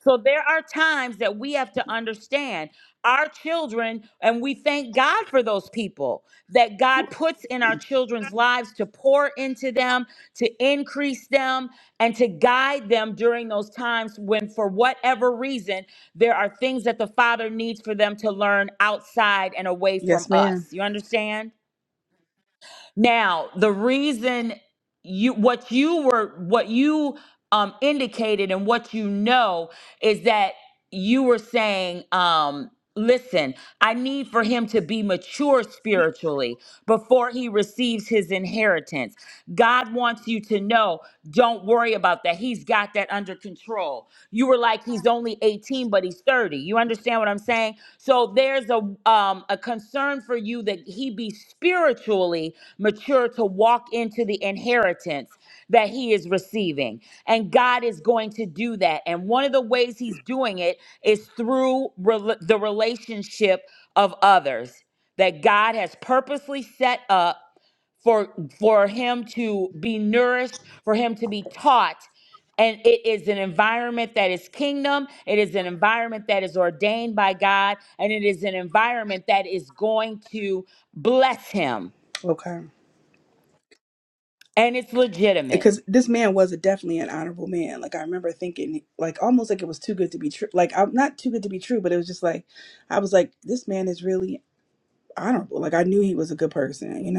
A: So there are times that we have to understand our children, and we thank God for those people that God puts in our children's lives to pour into them, to increase them, and to guide them during those times when, for whatever reason, there are things that the Father needs for them to learn outside and away from
D: Yes,
A: us.
D: ma'am.
A: You understand? Now, the reason you what you were what you um indicated and what you know is that you were saying um listen, I need for him to be mature spiritually before he receives his inheritance. God wants you to know, don't worry about that. He's got that under control. You were like he's only 18 but he's 30. You understand what I'm saying? So there's a um, a concern for you that he be spiritually mature to walk into the inheritance that he is receiving. And God is going to do that. And one of the ways he's doing it is through rel- the relationship of others that God has purposely set up for for him to be nourished, for him to be taught. And it is an environment that is kingdom. It is an environment that is ordained by God. And it is an environment that is going to bless him.
D: Okay.
A: And it's legitimate.
D: because this man was a, definitely an honorable man. Like I remember thinking, like almost like it was too good to be true. Like I'm not too good to be true, but it was just like I was like, this man is really honorable. Like I knew he was a good person, you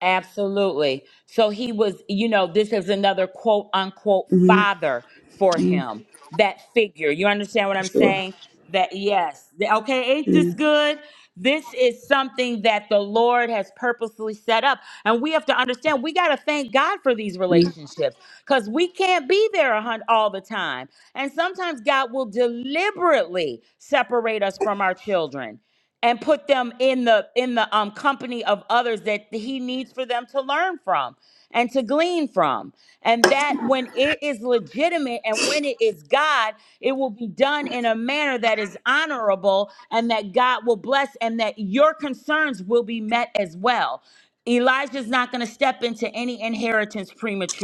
A: Absolutely. So he was, you know, this is another quote unquote
D: know.
A: father for
D: hmm
A: him, that figure. You understand what
D: for
A: I'm
D: sure.
A: saying? That, yes. The- Okay, ain't this
D: mm
A: good? This is something that the Lord has purposely set up. And we have to understand we got to thank God for these
D: mm.
A: relationships because we can't be there a hun- all the time. And sometimes God will deliberately separate us from our children and put them in the in the um company of others that he needs for them to learn from and to glean from and that when it is legitimate and when it is god it will be done in a manner that is honorable and that god will bless and that your concerns will be met as well elijah's not going to step into any inheritance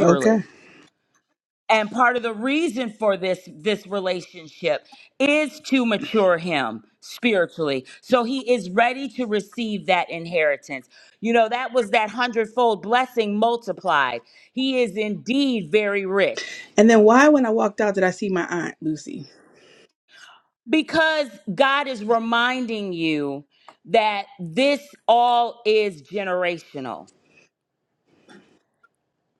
D: Okay.
A: and part of the reason for this this relationship is to mature him spiritually so he is ready to receive that inheritance you know that was that hundredfold blessing multiplied he is indeed very rich
D: And then why, when I walked out, did I see my aunt Lucy?
A: because god is reminding you that this all is generational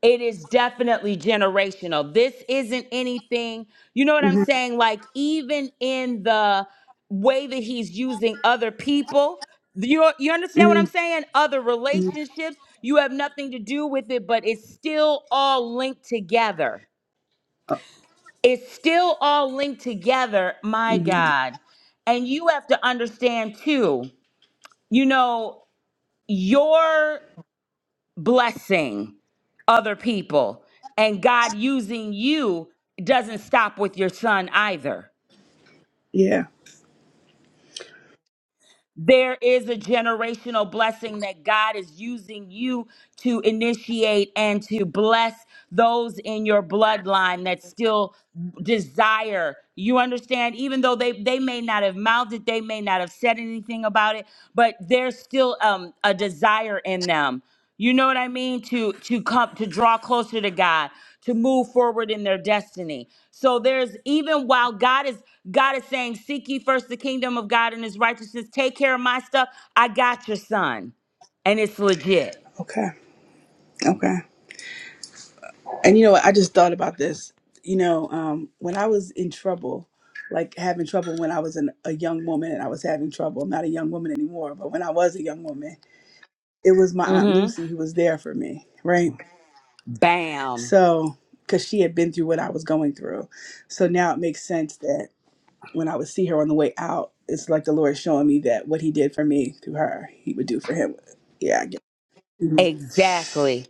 A: It is definitely generational. This isn't anything, you know what I'm
D: Mm-hmm.
A: saying? Like, even in the way that he's using other people, you, you understand what I'm
D: Mm-hmm.
A: saying? Other relationships, you have nothing to do with it, but it's still all linked together.
D: mm
A: It's still all linked together, my
D: mhm.
A: God. And you have to understand, too, you know, your blessing other people and God using you doesn't stop with your son either.
D: Yeah.
A: There is a generational blessing that God is using you to initiate and to bless those in your bloodline that still desire. You understand, even though they, they may not have mouthed it, they may not have said anything about it, but there's still um, a desire in them. You know what I mean? To to come to draw closer to God, to move forward in their destiny. So there's even while God is God is saying, "Seek ye first the kingdom of God and His righteousness. Take care of my stuff. I got your son, and it's legit."
D: Okay. Okay. And you know what? I just thought about this. You know, um, when I was in trouble, like having trouble when I was an, a young woman and I was having trouble, I'm not a young woman anymore, but when I was a young woman, it was my Aunt
A: Mm-hmm.
D: Lucy who was there for me, right?
A: Bam.
D: So, because she had been through what I was going through. So now it makes sense that when I would see her on the way out, it's like the Lord showing me that what He did for me through her, He would do for him. Yeah, I get it. Mhm.
A: Exactly.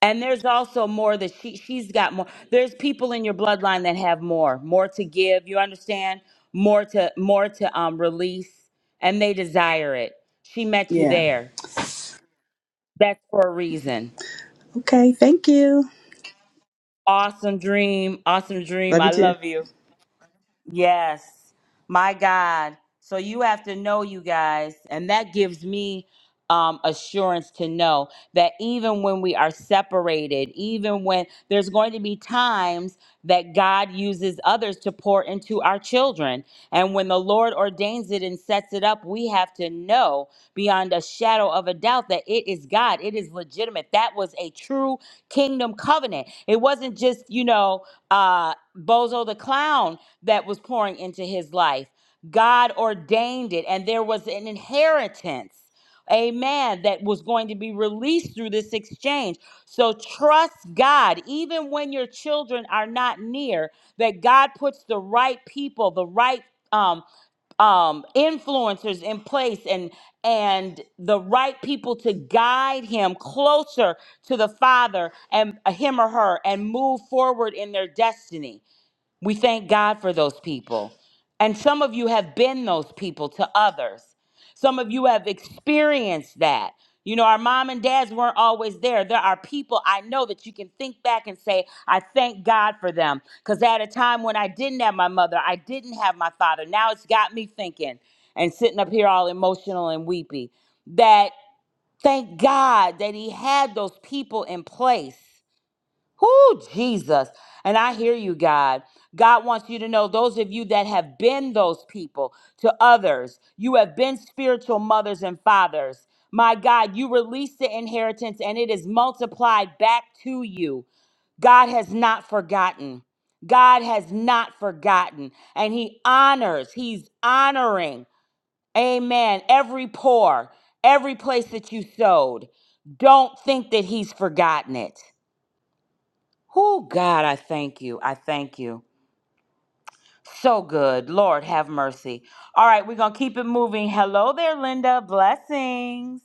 A: And there's also more that she she's got more. There's people in your bloodline that have more, more to give. You understand? More to more to um release, and they desire it. She met you
D: Yeah.
A: there. That's for a reason.
D: Okay. Thank you.
A: Awesome dream. Awesome dream.
D: Love you
A: I
D: too.
A: love you. Yes. My God. So you have to know you guys. And that gives me um, assurance to know that even when we are separated, even when there's going to be times that God uses others to pour into our children. And when the Lord ordains it and sets it up, we have to know beyond a shadow of a doubt that it is God. It is legitimate. That was a true kingdom covenant. It wasn't just, you know, uh, Bozo the clown that was pouring into his life. God ordained it, and there was an inheritance, amen, that was going to be released through this exchange. So trust God, even when your children are not near, that God puts the right people, the right um, um, influencers in place and and the right people to guide him closer to the father and him or her and move forward in their destiny we thank God for those people. And some of you have been those people to others. Some of you have experienced that. You know, our mom and dads weren't always there. There are people I know that you can think back and say, I thank God for them. Because at a time when I didn't have my mother, I didn't have my father. Now it's got me thinking and sitting up here all emotional and weepy that thank God that he had those people in place Whoo, Jesus. And I hear you, God. God wants you to know those of you that have been those people to others, you have been spiritual mothers and fathers. My God, you release the inheritance and it is multiplied back to you. God has not forgotten. God has not forgotten. And He honors, He's honoring, amen, every pour, every place that you sowed. Don't think that He's forgotten it. Oh, God, I thank you. I thank you. So good. Lord, have mercy. All right, we're going to keep it moving. Hello there, Linda. Blessings.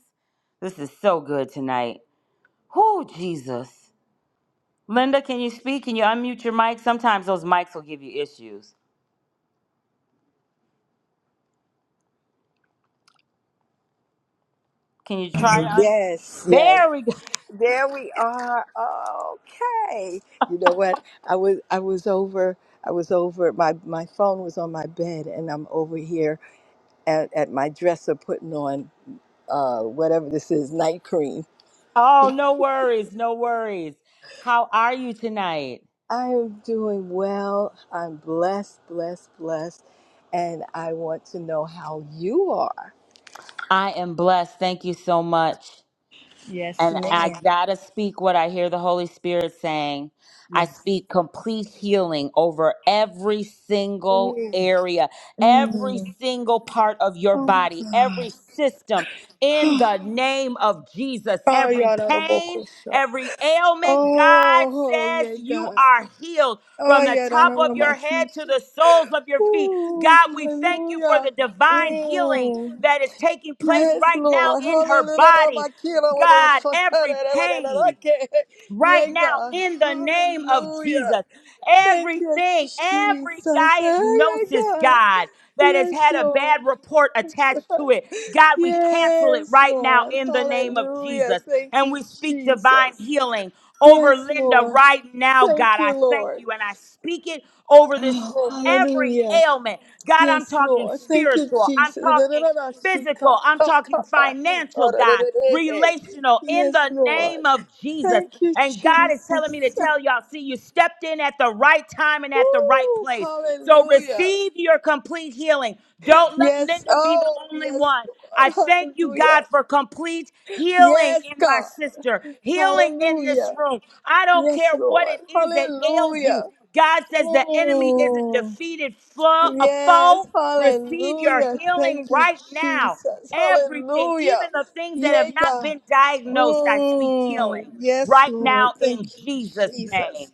A: This is so good tonight. Oh, Jesus. Linda, can you speak? Can you unmute your mic? Sometimes those mics will give you issues. Can you try to un?
E: Yes, yes.
A: There we go. [laughs]
E: There we are. Okay. You know what? I was I was over I was over my my phone was on my bed and I'm over here at, at my dresser putting on uh whatever this is, night cream.
A: Oh, no worries. No worries. How are you tonight?
E: I am doing well. I'm blessed, blessed, blessed. And I want to know how you are.
A: I am blessed. Thank you so much.
E: Yes,
A: And I
E: ma'am.
A: gotta speak what I hear the Holy Spirit saying. I
E: Yes.
A: speak complete healing over every single
E: Ooh.
A: area, every
E: Mm.
A: single part of your
E: Oh
A: body,
E: my
A: every system in
E: God. [gasps]
A: the name of Jesus.
E: Oh,
A: Every
E: y'all know the
A: pain,
E: vocals.
A: every ailment, God
E: Oh,
A: says
E: yeah,
A: you
E: God.
A: are healed
E: Oh,
A: from the
E: yeah, no,
A: top
E: no, no,
A: of
E: my
A: your head to
E: teacher.
A: the soles of your feet.
E: Ooh,
A: God, we thank you for
E: hallelujah.
A: the divine healing
E: Mm.
A: that is taking place
E: Yes,
A: right now
E: Lord.
A: in her
E: Hallelujah. no, no, no,
A: body.
E: my kid, I wanna
A: God,
E: suck her,
A: every
E: da, da, da, da, da,
A: pain,
E: okay.
A: right
E: Yeah,
A: now
E: God.
A: in the name of
E: Hallelujah.
A: Jesus.
E: Thank you,
A: Everything, every
E: Jesus. Oh, yeah,
A: diagnosis,
E: God.
A: God, that has
E: Yes,
A: had a bad
E: Lord.
A: report attached to
E: [laughs]
A: it, God, we cancel it
E: Yes,
A: right now
E: Lord.
A: in the name of
E: Hallelujah.
A: Jesus.
E: Thank
A: And
E: you,
A: we speak divine
E: Jesus.
A: healing over
E: Yes,
A: Linda
E: Lord.
A: right now, God.
E: Thank
A: I
E: you,
A: thank
E: Lord.
A: you and I speak it over this
E: Oh,
A: room. Every
E: hallelujah.
A: ailment, God, I'm
E: Yes,
A: talking
E: Lord. Thank you,
A: spiritual, I'm
E: Jesus.
A: talking physical, I'm talking financial, God, relational, in
E: Yes,
A: the
E: Lord.
A: name of Jesus.
E: Thank you,
A: And God is telling me to
E: Jesus.
A: tell y'all, see, you stepped in at the right time and at the right
E: Woo,
A: place. So
E: hallelujah.
A: receive your complete healing. Don't let
E: Yes,
A: Linda be the
E: oh,
A: only
E: yes,
A: one. I
E: Lord.
A: thank you,
E: Hallelujah.
A: God, for complete healing
E: Yes,
A: in my
E: God.
A: sister, healing in this
E: Hallelujah.
A: room. I don't care
E: Yes,
A: what
E: Lord.
A: it is that ails you.
E: Hallelujah.
A: God says the enemy is a
E: Mm.
A: defeated flo- a foe.
E: Yes,
A: Receive your
E: hallelujah.
A: healing
E: Thank you,
A: right now.
E: Jesus.
A: Everything,
E: Hallelujah.
A: even the things that have
E: Yea,
A: not
E: God.
A: been diagnosed, I speak healing
E: Mm, yes,
A: right
E: Lord.
A: now
E: Thank
A: in
E: you,
A: Jesus' name.
E: Jesus.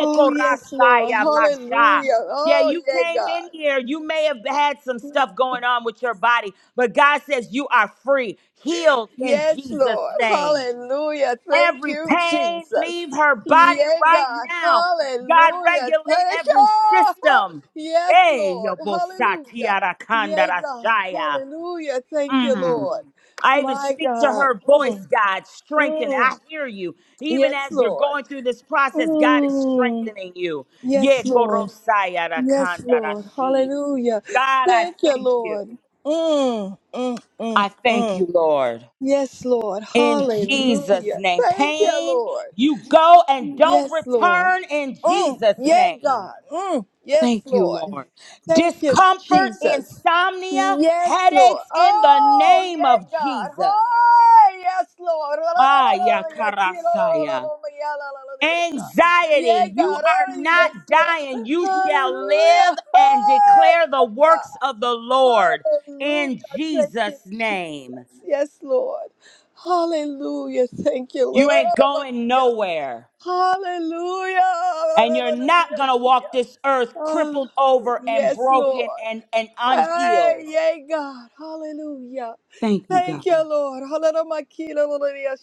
E: Oh, yes, Lord.
A: basha.
E: Hallelujah.
A: Yeah,
E: Oh,
A: you
E: yea,
A: came in
E: God.
A: here. You may have had some stuff going on with your body, but God says you are free, healed in
E: Yes,
A: Jesus'
E: Lord.
A: name.
E: Hallelujah. Thank
A: Every
E: you,
A: pain,
E: Jesus.
A: leave her body
E: Yeah,
A: right
E: God.
A: now. God,
E: Hallelujah.
A: regulate
E: Thank
A: every
E: you.
A: system.
E: Yes,
A: Hey, yo,
E: Lord.
A: bosa
E: Hallelujah.
A: tiara
E: Yeah,
A: kanda
E: God.
A: rashaya.
E: Hallelujah. Thank you, Lord.
A: I even
E: My
A: speak to
E: God.
A: her voice,
E: Mm,
A: God, strengthen.
E: mm.
A: I hear you. Even
E: Yes,
A: as you're
E: Lord.
A: going through this process, God is
E: Mm.
A: strengthening you. Ye
E: Yes, Lord.
A: korosaya
E: Yes, Lord.
A: rakandarashi.
E: Hallelujah.
A: God, I
E: Thank you,
A: thank you.
E: Lord. Mm, mm, mm,
A: I thank
E: mm.
A: you, Lord.
E: Yes, Lord.
A: In Jesus'
E: Hallelujah.
A: name.
E: Thank you,
A: Pain,
E: Lord.
A: you go and don't
E: Yes, Lord.
A: return in
E: Mm,
A: Jesus'
E: yeah,
A: name.
E: God. Mm, yes,
A: Thank you,
E: Lord.
A: Lord.
E: Thank you,
A: Discomfort,
E: Jesus.
A: insomnia,
E: Yes, Lord.
A: headaches in the
E: Oh,
A: name
E: yeah,
A: of
E: God.
A: Jesus.
E: Oh, yes, Lord.
A: Ah, yakarasaya.
E: Yeah,
A: anxiety. You
E: God.
A: are
E: Oh,
A: not
E: yes, yeah.
A: dying. You shall live
E: Hallelujah.
A: and
E: Oh, yeah,
A: declare the
E: God.
A: works of the Lord
E: Hallelujah.
A: in
E: Thank you,
A: Jesus' name.
E: Jesus. Yes, Lord. Hallelujah. Thank you, Lord.
A: You ain't going nowhere.
E: Hallelujah.
A: And you're not going to walk this earth
E: Ah,
A: crippled over and
E: yes,
A: broken
E: Lord.
A: and, and
E: Hey,
A: unhealed.
E: yay, God. Hallelujah.
A: Thank you, God.
E: Thank you, Lord. Hallelujah.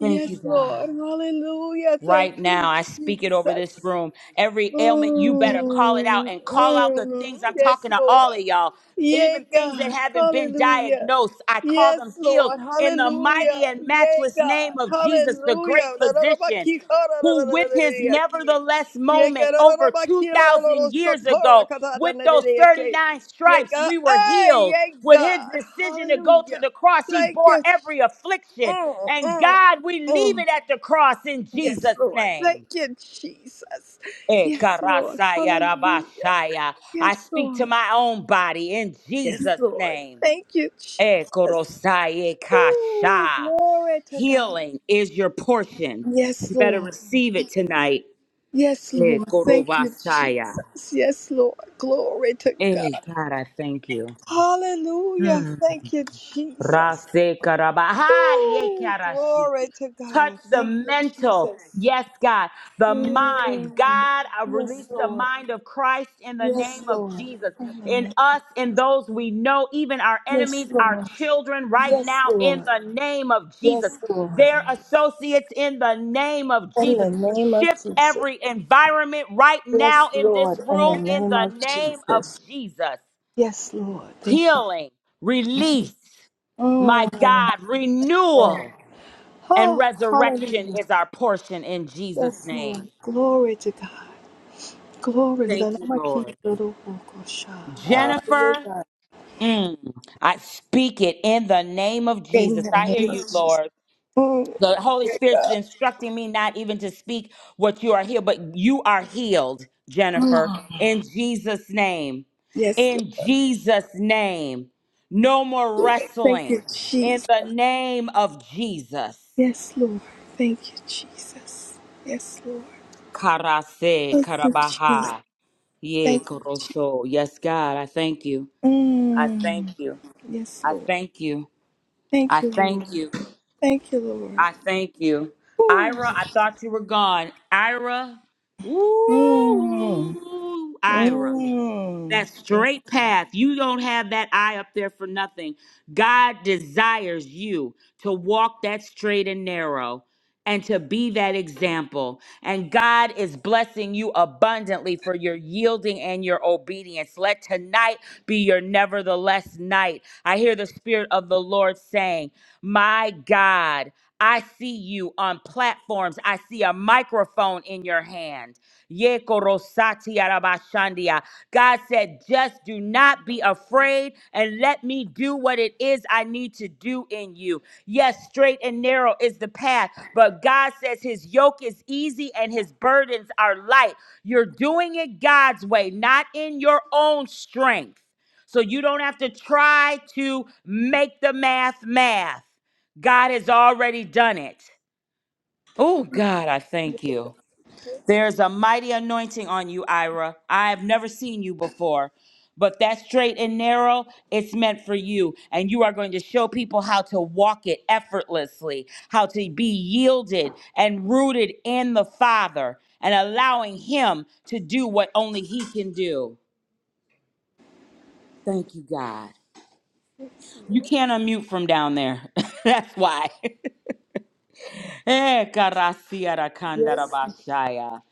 A: Thank you, God.
E: Lord. Hallelujah. Thank
A: Right now,
E: you,
A: I speak it over this
E: Jesus.
A: room. Every ailment, you better call it out
E: Mm,
A: and call out the
E: mm,
A: things I'm talking
E: yes,
A: to all of
E: Lord.
A: y'all. Even
E: Yea,
A: things that
E: God.
A: haven't been
E: Hallelujah.
A: diagnosed, I call
E: Yes,
A: them healed
E: Lord.
A: in the mighty
E: Hallelujah.
A: and
E: Yea,
A: matchless
E: God.
A: name of Jesus, the
E: Hallelujah.
A: great
E: Da, da, da, ba,
A: physician
E: ki, ka, da, da,
A: who
E: da, da, da,
A: with
E: da, da,
A: his
E: ya, ki.
A: nevertheless
E: Yea, ka,
A: moment
E: da, da, da,
A: over
E: ba, ki, lo, lo, lo, lo,
A: 2,000
E: so,
A: years
E: to, ra,
A: ago,
E: ka, da, da,
A: with
E: da, da,
A: those
E: da, ya, ki.
A: 39
E: Yea,
A: stripes,
E: God.
A: we were
E: Hey,
A: healed.
E: yea,
A: With his
E: God.
A: decision to go to
E: Hallelujah.
A: the cross, he
E: Thank
A: bore
E: you.
A: every affliction.
E: Mm,
A: And
E: mm,
A: God, we leave
E: mm.
A: it at the cross in
E: Yes,
A: Jesus'
E: Lord. Thank
A: name.
E: you, Jesus.
A: Eh,
E: Yes, Lord.
A: karasaya
E: Hallelujah.
A: rabashaya. I
E: Yes,
A: speak to
E: Lord.
A: my own body in
E: Yes,
A: Jesus'
E: Lord.
A: name.
E: Thank you,
A: Eh,
E: Jesus.
A: korosaye
E: Ooh,
A: kasha.
E: glory to God.
A: Healing is your portion.
E: Yes,
A: You better
E: Lord.
A: receive it tonight.
E: Yes,
A: Eh,
E: Lord. Thank you,
A: korobasaya.
E: Jesus. Yes, Lord. Glory to
A: Eh,
E: God.
A: God, I thank you.
E: Hallelujah.
A: Hmm.
E: Thank you, Jesus.
A: Rase karaba. Hi. eh,
E: Ooh,
A: karashi.
E: glory to
A: touch
E: God.
A: the
E: Thank you,
A: mental.
E: Jesus.
A: Yes, God, the mind.
E: Mm.
A: God, I release
E: Yes,
A: the
E: Lord.
A: mind of Christ in the
E: Yes,
A: name of
E: Lord.
A: Jesus in
E: Hallelujah.
A: us, in those we know, even our
E: Yes,
A: enemies, our
E: Lord.
A: children, right
E: Yes,
A: now, in
E: Lord.
A: the name of Jesus.
E: Yes, Lord.
A: Their associates, in the name of
E: In
A: Jesus.
E: the name of
A: Shift
E: Jesus.
A: every environment right
E: Yes,
A: now in this
E: Lord. In the
A: room, in
E: name
A: the
E: of
A: name of
E: Jesus.
A: Jesus.
E: Yes, Lord. Thank you.
A: Healing, release, my
E: Mm,
A: God, renewal
E: Lord.
A: and
E: Oh,
A: resurrection
E: hallelujah.
A: is our portion in Jesus'
E: Yes,
A: name.
E: Lord. Glory to God. Glory to the
A: Thank you,
E: name of King
A: Lord.
E: of the Lord, Ah, yeah,
A: Jennifer,
E: God.
A: mm, I speak it in the name of
E: In
A: Jesus.
E: the
A: I hear
E: name of
A: you,
E: Jesus.
A: Lord.
E: Mm,
A: The Holy
E: yeah,
A: Spirit is
E: God.
A: instructing me not even to speak what you are healed, but you are healed, Jennifer, in Jesus' name.
E: Yes,
A: In Jesus' name. No more
E: Lord. Thank you,
A: wrestling. In
E: Jesus.
A: the name of Jesus.
E: Yes, Lord. Thank you, Jesus. Yes, Lord.
A: Karase
E: Thank you, Jesus.
A: Karabaha. Yeah,
E: Thank you.
A: Coroso. Yes, God, I thank you. I thank
E: Mm,
A: you.
E: yes,
A: I
E: Lord.
A: thank you. I
E: Thank you,
A: thank
E: Lord.
A: you.
E: Thank you, Lord.
A: I thank you.
E: Woo.
A: Ira, I thought you were gone. Ira.
E: Mm,
A: Woo! Ira
E: mm.
A: that
E: Yes,
A: straight path. You don't have that eye up there for nothing. God desires you to walk that straight and narrow and to be that example. And God is blessing you abundantly for your yielding and your obedience. Let tonight be your nevertheless night. I hear the Spirit of the Lord saying, My God. I see you on platforms. I see a microphone in your hand. Ye korosati arabashandia. God said, just do not be afraid and let me do what it is I need to do in you. Yes, straight and narrow is the path, but God says his yoke is easy and his burdens are light. You're doing it God's way, not in your own strength. So you don't have to try to make the math math. God has already done it. Oh, God, I thank you.
E: yes,
A: There's a mighty anointing on you, Ira. I have never seen you before. But that straight and narrow, it's meant for you. And you are going to show people how to walk it effortlessly, how to be yielded and rooted in the Father and allowing Him to do what only He can do. Thank you, God.
E: yes,
A: You
E: Lord.
A: can't unmute from down there. [laughs] That's why. [laughs] Eh, karasiara
E: Yes,
A: kandarabashaya.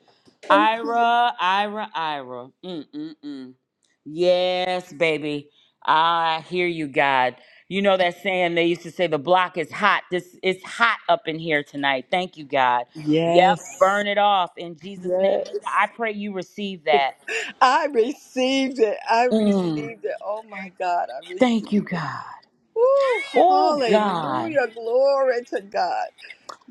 E: thank you.
A: Ira, Ira, Ira. Mm-mm-mm. Yes, baby. Ah, I hear you, God. You know that saying they used to say the block is hot. This it's hot up in here tonight. Thank you, God. Yep,
E: Yes,
A: burn it off in Jesus' name. Linda,
E: yes.
A: I pray you receive that.
E: I received it. I
A: Mm,
E: received it. Oh my God, I
A: thank you,
E: received it.
A: God.
E: Woo,
A: Oh God.
E: hallelujah. Glory to God.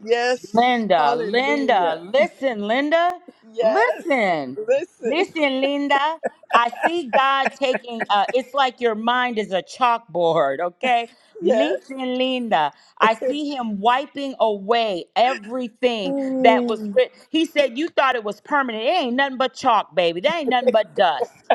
E: Yes,
A: Linda, Linda,
E: hallelujah.
A: listen, Linda,
E: Yes,
A: listen,
E: listen.
A: listen, Linda. I see God taking, uh, it's like your mind is a chalkboard, okay?
E: Yes.
A: Listen, Linda, I see Him wiping away everything that was
E: Mm.
A: written. He said, You thought it was permanent. It ain't nothing but chalk, baby. That ain't nothing but dust.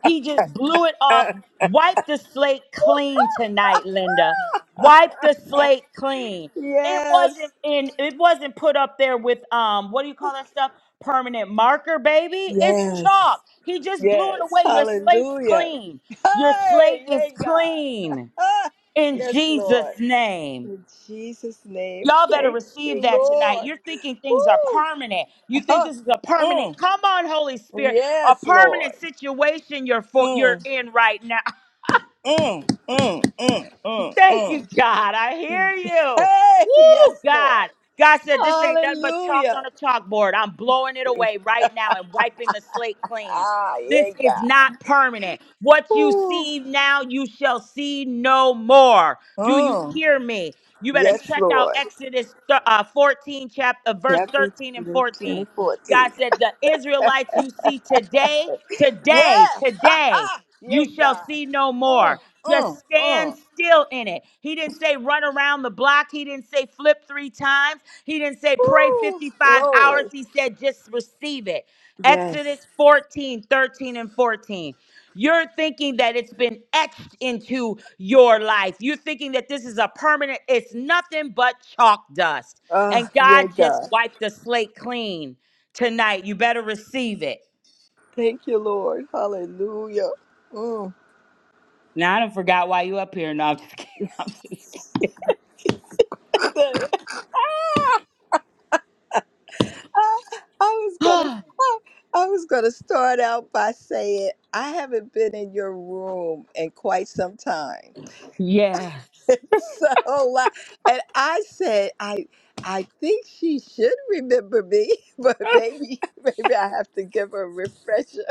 A: He just blew it
E: [laughs]
A: off. Wipe the slate clean tonight, Linda. Wipe the slate clean. It
E: Yes.
A: wasn't in it wasn't put up there with um what do you call that stuff? Permanent marker, baby. It's
E: Yes.
A: chalk. He just blew it
E: Yes.
A: away. Your slate's
E: Hallelujah.
A: clean. Your slate
E: Hey,
A: is
E: yay, God.
A: clean
E: Ah,
A: in
E: yes, Lord.
A: Jesus' name.
E: In Jesus' name.
A: Y'all better
E: Thank
A: receive
E: you,
A: that tonight.
E: Lord.
A: You're thinking things are
E: Woo.
A: permanent. You think
E: Ah,
A: this is a
E: mm.
A: permanent, come on, Holy Spirit, a
E: Yes, Lord.
A: permanent situation you're for, you're
E: Mm,
A: in right now.
E: mm, mm, mm, mm,
A: Thank you,
E: mm.
A: God. I hear you.
E: Hey, yes,
A: Woo,
E: Lord.
A: God. God said, This ain't nothing but chalk
E: Hallelujah.
A: on a chalkboard. I'm blowing it away right now and wiping the slate clean.
E: Ah, yeah,
A: This is
E: God.
A: not permanent. What you
E: Woo.
A: see now, you shall see no more. Do you
E: Mm.
A: hear me? You better
E: Yes,
A: check out
E: Lord.
A: Exodus th- uh, 14, chapter, uh, verse
E: Chapter
A: 13 and 14. God
E: 14.
A: said, The Israelites you see today, today,
E: Yes. [laughs] Ha!
A: today, you
E: Yay,
A: shall
E: God.
A: see no more.
E: Mm, mm,
A: Just stand
E: mm.
A: still in it. He didn't say run around the block. He didn't say flip three times. He didn't say pray
E: Woo,
A: 55 hours.
E: glory.
A: He said just receive it.
E: Yes.
A: Exodus 14, 13, and 14. You're thinking that it's been etched into your life. You're thinking that this is a permanent, it's nothing but chalk dust.
E: Ah,
A: And
E: yeah,
A: God just
E: God.
A: wiped the slate clean tonight. You better receive it.
E: Thank you, Lord. Hallelujah. Mm.
A: Now I don't forgot why you up here. No, I'm just kidding. [laughs]
E: Thank- [laughs] I, was gonna I, I was gonna start out by saying I haven't been in your room in quite some time.
A: Yeah.
E: [laughs] so like and I said I I think she should remember me, [laughs] but maybe maybe I have to give her a refresher.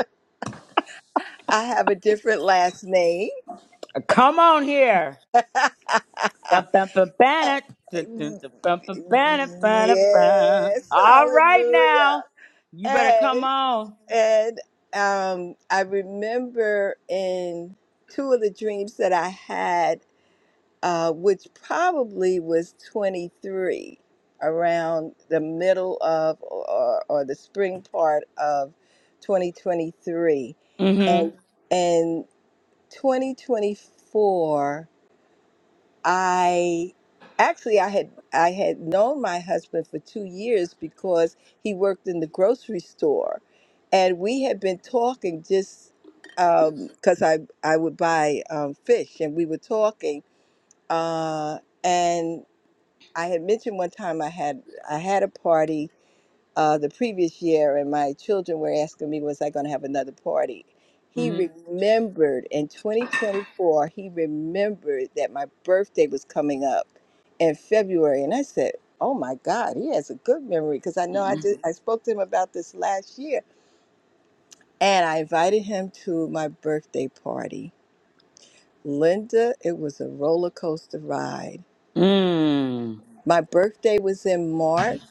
E: I have a different last name.
A: Come on here.
E: [laughs]
A: All right
E: yes, hallelujah.
A: now. You better come
E: And
A: on.
E: and um, I remember in two of the dreams that I had, uh, which probably was 23, around the middle of or, or the spring part of 2023, and Mhm.
A: Mm-hmm.
E: and 2024. I actually I had I had known my husband for two years because he worked in the grocery store, and we had been talking just because I I would buy um, fish, and we were talking, uh, and I had mentioned one time I had I had a party uh, the previous year, and my children were asking me, was I going to have another party? He
A: Mm-hmm.
E: remembered in 2024, he remembered that my birthday was coming up in February. And I said, Oh my God, he has a good memory because I know I did, I spoke to him about this last year. And I invited him to my birthday party. Linda, it was a roller coaster ride.
A: Mm.
E: My birthday was in March.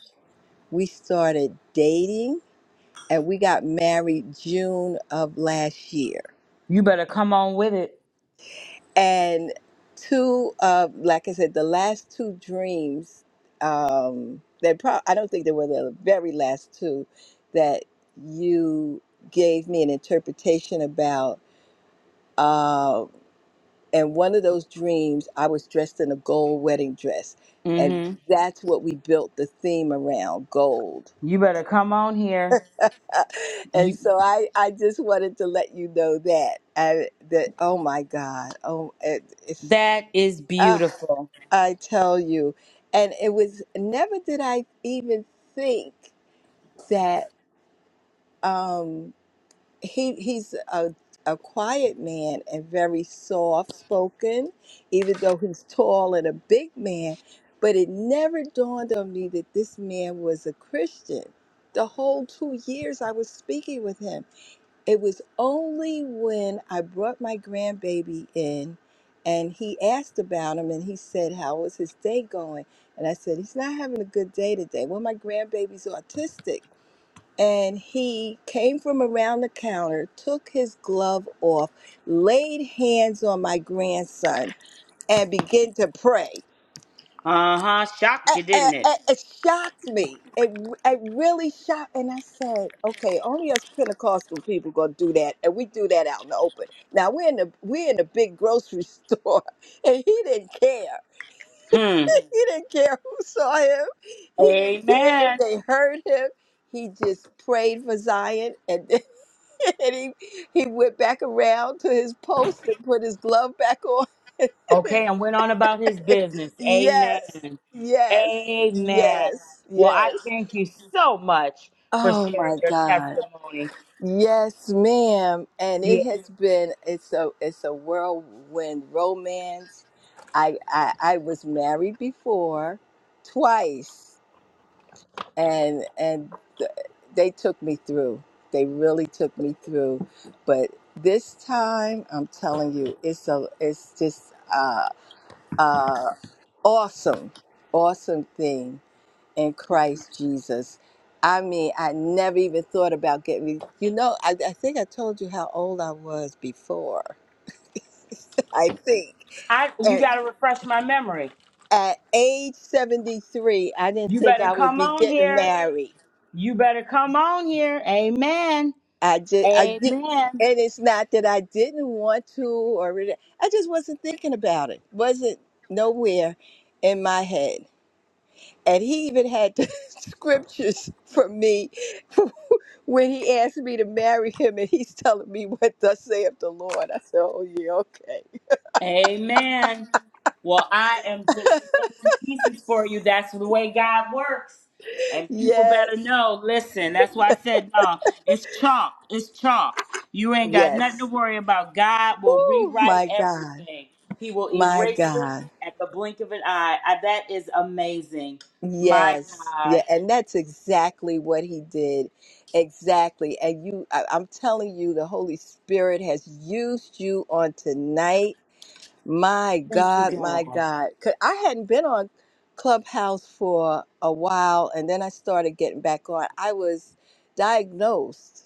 E: We started dating and we got married June of last year.
A: You better come on with it.
E: And two of, like I said, the last two dreams, um, that pro- I don't think they were the very last two that you gave me an interpretation about. Uh, and one of those dreams, I was dressed in a gold wedding dress. And
A: Mm-hmm.
E: that's what we built the theme around gold
A: You better come on here. You
E: and so I, I just wanted to let you know that I, that oh my God oh it, it's
A: that is
E: uh,
A: beautiful.
E: I tell you and it was never did I even think that um, he he's a a quiet man and very soft spoken even though he's tall and a big man but it never dawned on me that this man was a Christian the whole two years I was speaking with him It was only when I brought my grandbaby in and he asked about him and he said, How was his day going? And I said, He's not having a good day today. Well, my grandbaby's autistic. And he came from around the counter, took his glove off, laid hands on my grandson, and began to pray
A: Uh-huh. Shocked
E: it,
A: you, didn't
E: it,
A: it?
E: it it shocked me. It it really shocked, and I said, "Okay, only us Pentecostal people gonna do that, and we do that out in the open." Now we're in the we're in the big grocery [laughs] store, and he didn't care.
A: Hmm.
E: [laughs] he didn't care who saw him. He didn't care if
A: Amen.
E: they heard him. He just prayed for Zion, and then, [laughs] and he he went back around to his post and put his glove back on. [laughs]
A: Okay, and went on about his business.
E: Yes,
A: Amen.
E: yes,
A: Amen.
E: yes,
A: Well, I
E: yes.
A: thank you so much for
E: Oh
A: sharing
E: my
A: your
E: God.
A: testimony.
E: Yes, ma'am. And
A: Yeah.
E: it has been it's a it's a whirlwind romance. I I, I was married before twice and and th- they took me through. They really took me through. But this time, I'm telling you, it's a it's just uh uh awesome awesome thing in Christ Jesus. I mean, I never even thought about getting, you know, I, I think I told you how old I was before. [laughs] I think.
A: I you
E: At,
A: gotta refresh my memory.
E: at age 73, I didn't
A: You
E: think
A: better
E: I would
A: come
E: be
A: on
E: getting
A: here.
E: married.
A: You better come on here. Amen.
E: I just, I did,
A: Amen.
E: and it's not that I didn't want to or really- I just wasn't thinking about it. Wasn't nowhere in my head. And he even had the [laughs] scriptures for me [laughs] when he asked me to marry him and he's telling me what thus saith the Lord. I said, Oh yeah,
A: Amen. Well, I am
E: okay.
A: just splitting pieces for you. That's the way God works.
E: [laughs]
A: And people
E: yes.
A: better know. Listen, that's why I said, no, it's chalk. It's chalk. You ain't got nothing to
E: Yes.
A: worry about. God will
E: Oh
A: rewrite
E: my God.
A: everything, He will
E: My
A: erase it
E: God.
A: at the blink of an eye. I, that is amazing. My
E: Yes. Yeah.
A: God.
E: And that's exactly what he did. Exactly. And you I, I'm telling you, the Holy Spirit has used you on tonight My
A: Thank you,
E: God, my
A: God.
E: God. 'Cause I hadn't been on Clubhouse for a while, and then I started getting back on. I was diagnosed.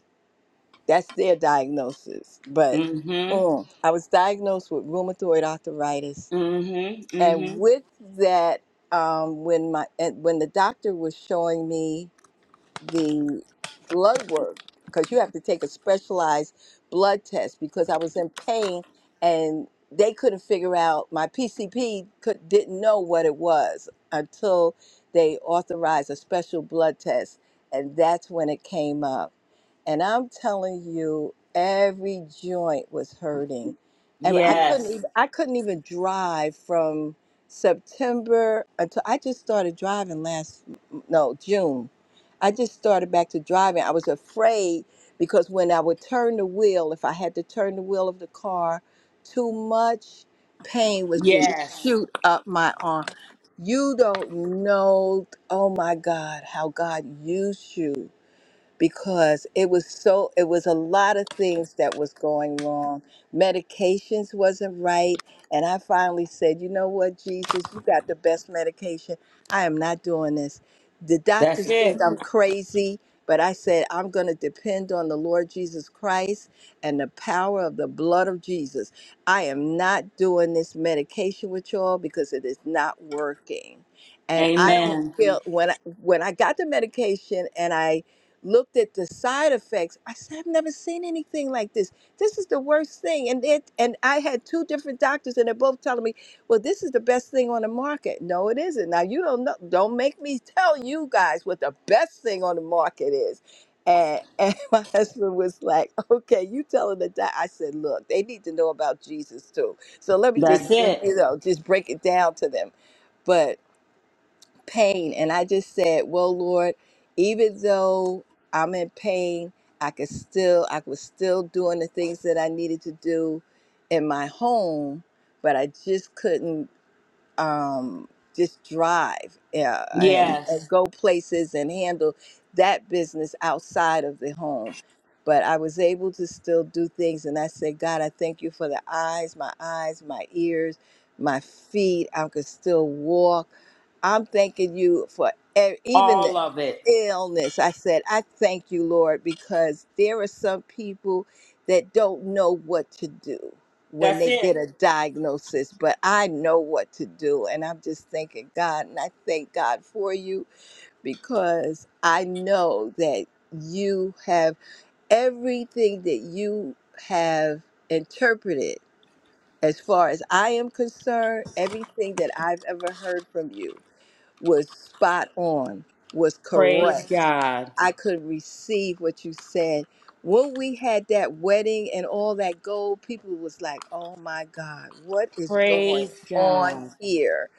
E: That's their diagnosis. But
A: Mm hmm.
E: mm, I was diagnosed with rheumatoid arthritis.
A: Mm hmm. Mm
E: And
A: hmm.
E: with that, um, when my and when the doctor was showing me the blood work because you have to take a specialized blood test because I was in pain and they couldn't figure out my PCP could didn't know what it was until they authorized a special blood test and that's when it came up and I'm telling you every joint was hurting and I couldn't
A: Yes.
E: even I couldn't even drive from September until I just started driving last no June I just started back to driving. I was afraid because when I would turn the wheel, if I had to turn the wheel of the car, too much pain was just Yeah.
A: Yes.
E: shoot up my arm. You don't know, oh my God, how God used you because it was so it was a lot of things that was going wrong medications wasn't right and i finally said you know what jesus you got the best medication i am not doing this the
A: That's
E: doctors
A: it.
E: think i'm crazy but i said i'm going to depend on the lord jesus christ and the power of the blood of jesus i am not doing this medication with y'all because it is not working and i don't
A: Amen.
E: Mhm. feel when I, when i got the medication and i looked at the side effects. I said, I've never seen anything like this. This is the worst thing. And it and I had two different doctors and they're both telling me, well, this is the best thing on the market. No, it isn't. Now you don't know don't make me [laughs] tell you guys what the best thing on the market is. And, and [laughs] my husband was like, okay, you telling the doc. I said, look, they need to know about Jesus too. So let me
A: That's
E: just,
A: it.
E: you know, just break it down to them pain. And I just said, Well, Lord, even though I'm in pain, I could still I was still doing the things that I needed to do in my home, but I just couldn't um just drive yeah, and, and
A: Yes.
E: go places and handle that business outside of the home. But I was able to still do things. And I said, God, I thank you for the eyes, my eyes, my ears, my feet. I could still walk. I'm thanking you for e- even the
A: All of it.
E: illness. I said, I thank you, Lord, because there are some people that don't know what to do when
A: That's
E: they
A: it.
E: get a diagnosis, but I know what to do. And I'm just thanking God. And I thank God for you because I know that you have everything that you have interpreted. As far as I am concerned, everything that I've ever heard from you was spot on, was
A: Praise
E: correct.
A: God.
E: I could receive what you said. When we had that wedding and all that gold, people was like, "Oh my God, what is going
A: Praise
E: on
A: God.
E: here?"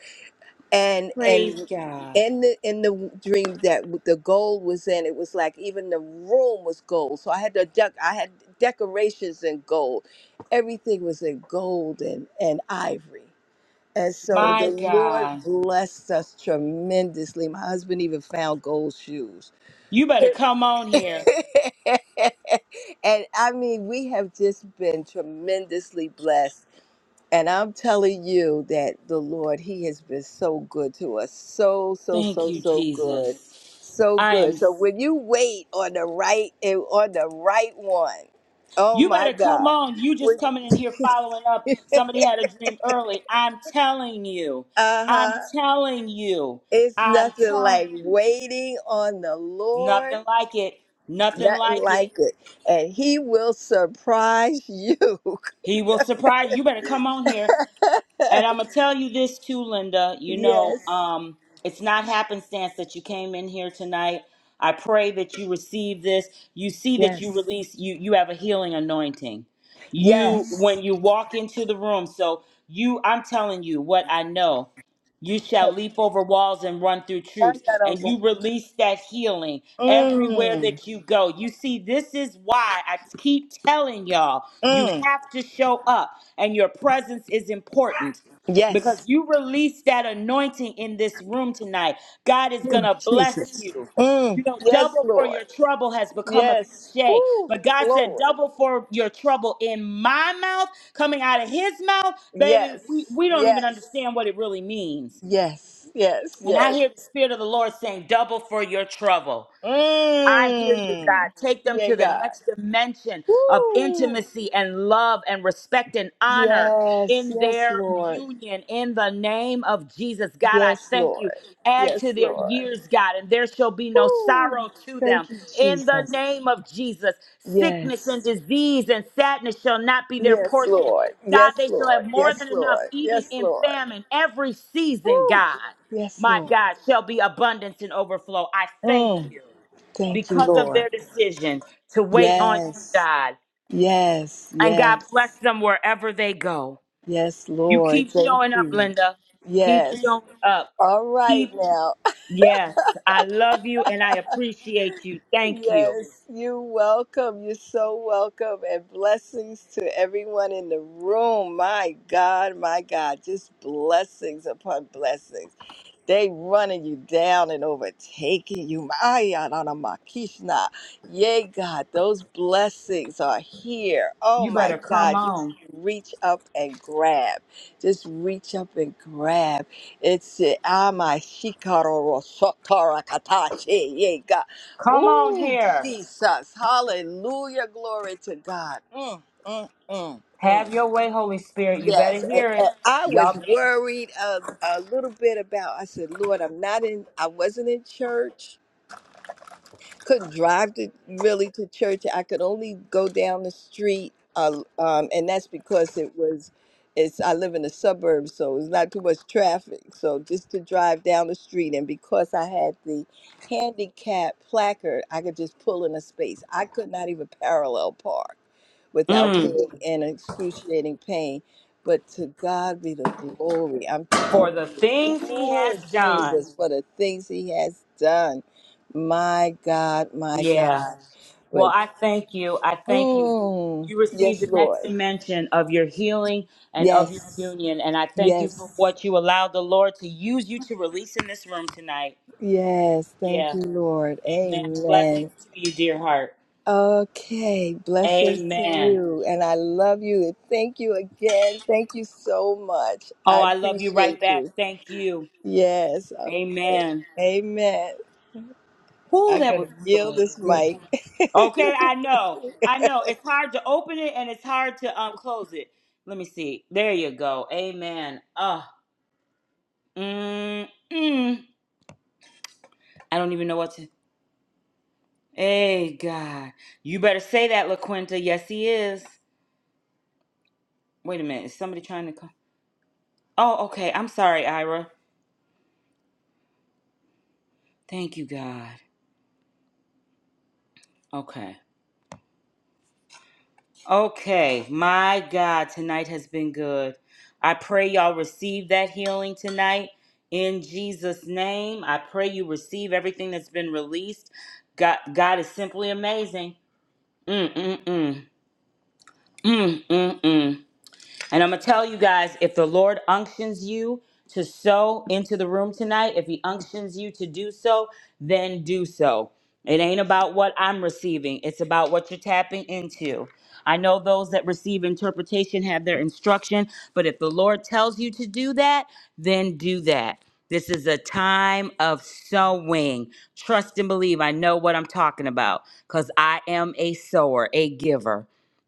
E: And and
A: Praise
E: Mhm.
A: God.
E: in the in the dream that the gold was in, it was like even the room was gold. So I had to duck. I had decorations in gold. Everything was in gold and and ivory. And so the
A: My
E: Lord
A: God.
E: blessed us tremendously. My husband even found gold shoes.
A: You better
E: It
A: come on here.
E: [laughs] and I mean, we have just been tremendously blessed. And I'm telling you that the Lord, He has been so good to us. So, so,
A: Thank
E: so,
A: you,
E: so good.
A: Jesus.
E: So
A: I
E: good.
A: am.
E: So when you wait on the right eh, on the right one, oh
A: You
E: my
A: better come
E: God. [laughs]
A: on. You just coming in here following up. Somebody had a dream early. I'm telling you. I'm
E: uh-huh.
A: telling you.
E: It's
A: I'm
E: nothing
A: telling
E: like
A: you.
E: waiting on the Lord.
A: Nothing like it. Nothing
E: Nothing
A: like it.
E: like it. And he will surprise you. [laughs]
A: He will surprise you. You better come on here. And I'm gonna tell you this too, Linda. You know,
E: yes.
A: um, it's not happenstance that you came in here tonight. I pray that you receive this. You see that you
E: Yes.
A: release. You you have a healing anointing. You
E: Yes.
A: when you walk into the room. So you, I'm telling you what I know. You shall leap over walls and run through troops, and you release that healing everywhere
E: Mm,
A: that you go. You see, this is why I keep telling y'all you
E: mm,
A: have to show up, and your presence is important because
E: yes.
A: you release that anointing in this room tonight. God is going
E: Ooh,
A: to bless
E: Jesus.
A: you.
E: Mm,
A: You know,
E: yes,
A: double for
E: Lord.
A: your trouble has become a
E: Yes.
A: cliche,
E: Ooh,
A: but God said,
E: Lord.
A: double for your trouble in my mouth, coming out of his mouth. Baby, we,
E: Yes.
A: we don't even
E: Yes.
A: understand what it really means.
E: Yes. Yes.
A: And I
E: Yes.
A: hear the Spirit of the Lord saying, double for your trouble. I hear you,
E: Mm.
A: God. Take them
E: Yeah,
A: to the
E: God.
A: next dimension of
E: Woo.
A: intimacy and love and respect and honor
E: Yes,
A: in
E: yes,
A: their
E: Lord.
A: union in the name of Jesus. God, I
E: Yes,
A: thank you.
E: Lord.
A: Add to
E: Yes,
A: their
E: Lord.
A: years, God, and there shall be no
E: Ooh,
A: sorrow to them
E: Thank you,
A: in the
E: Jesus.
A: name of Jesus. Sickness and
E: Yes.
A: disease and sadness shall not be their
E: Yes,
A: portion.
E: Lord.
A: God, they
E: Yes,
A: shall have
E: Lord.
A: more than
E: Yes,
A: enough,
E: Lord.
A: even
E: Yes,
A: in
E: Lord.
A: famine, every season, God.
E: Yes,
A: My
E: Lord.
A: God, shall be abundance and overflow. I thank
E: Mm.
A: you
E: Thank you,
A: because of
E: Lord.
A: their decision to wait on you,
E: Yes.
A: God.
E: Yes.
A: And God bless
E: Yes.
A: them wherever they go.
E: Yes,
A: You
E: Lord.
A: keep
E: Thank
A: showing up,
E: you.
A: Linda. Keep
E: Yes.
A: showing up.
E: All right
A: Keep,
E: now.
A: yes, I love you and I appreciate you. Thank you.
E: Yes, you're welcome. You're so welcome. And blessings to everyone in the room. My God, my God, just blessings upon blessings. They running you down and overtaking you. My Anana Makishna. Yay, God, those blessings are here. Oh
A: You better
E: my
A: come
E: God, you just
A: on.
E: reach up and grab. Just reach up and grab. It's it. Ama Shikaro ro Sotara Katashi. Yay, God.
A: Come on
E: Oh,
A: here.
E: Jesus. Hallelujah. Glory to God. Mm, mm, mm, mm.
A: Have your way, Holy Spirit. You better
E: Yes, and-
A: hear it.
E: and I was
A: Y'all,
E: worried a, a little bit about. I said, "Lord, I'm not in. I wasn't in church. Couldn't drive to really to church. I could only go down the street. Uh, um, and that's because it was. It's I live in the suburbs, so it's not too much traffic. So just to drive down the street, and because I had the handicap placard, I could just pull in a space. I could not even parallel park without Mhm.
A: mm,
E: being in excruciating pain. But to God be the glory. I'm
A: for
E: telling
A: the
E: you,
A: things he
E: oh,
A: has done.
E: Jesus, for the things He has done. My God, my
A: Yeah.
E: God.
A: Well,
E: But,
A: I thank you. I thank you.
E: mm,
A: You receive
E: yes,
A: the next
E: Lord.
A: dimension of your healing and of your
E: Yes,
A: union. And I thank you for
E: yes,
A: what you allowed the Lord to use you to release in this room tonight.
E: yes. Thank
A: Yeah.
E: you, Lord.
A: Amen. Blessings
E: Amen.
A: to you, dear heart.
E: Okay, blessings to
A: Amen.
E: you. And I love you. And thank you again. Thank you so much.
A: Oh,
E: I
A: I love you right
E: appreciate you.
A: back. Thank you.
E: Yes. Okay.
A: Amen.
E: Amen.
A: Whoo,
E: I'm
A: that
E: going
A: was
E: to yield
A: good.
E: this
A: Good.
E: mic. [laughs]
A: Okay, I know. I know. It's hard to open it and it's hard to um, close it. Let me see. There you go. Amen. Ah. mm, mm. I don't even know what to. Hey, God. You better say that, LaQuinta. Yes, he is. Wait a minute. Is somebody trying to come? Oh, okay. I'm sorry, Ira. Thank you, God. Okay. Okay. My God, tonight has been good. I pray y'all receive that healing tonight in Jesus' name. I pray you receive everything that's been released. God, God is simply amazing. Mm, mm, mm. Mm, mm, mm. And I'm going to tell you guys if the Lord unctions you to sow into the room tonight, if He unctions you to do so, then do so. It ain't about what I'm receiving, it's about what you're tapping into. I know those that receive interpretation have their instruction, but if the Lord tells you to do that, then do that. This is a time of sowing. Trust and believe. I know what I'm talking about because I am a sower, a giver.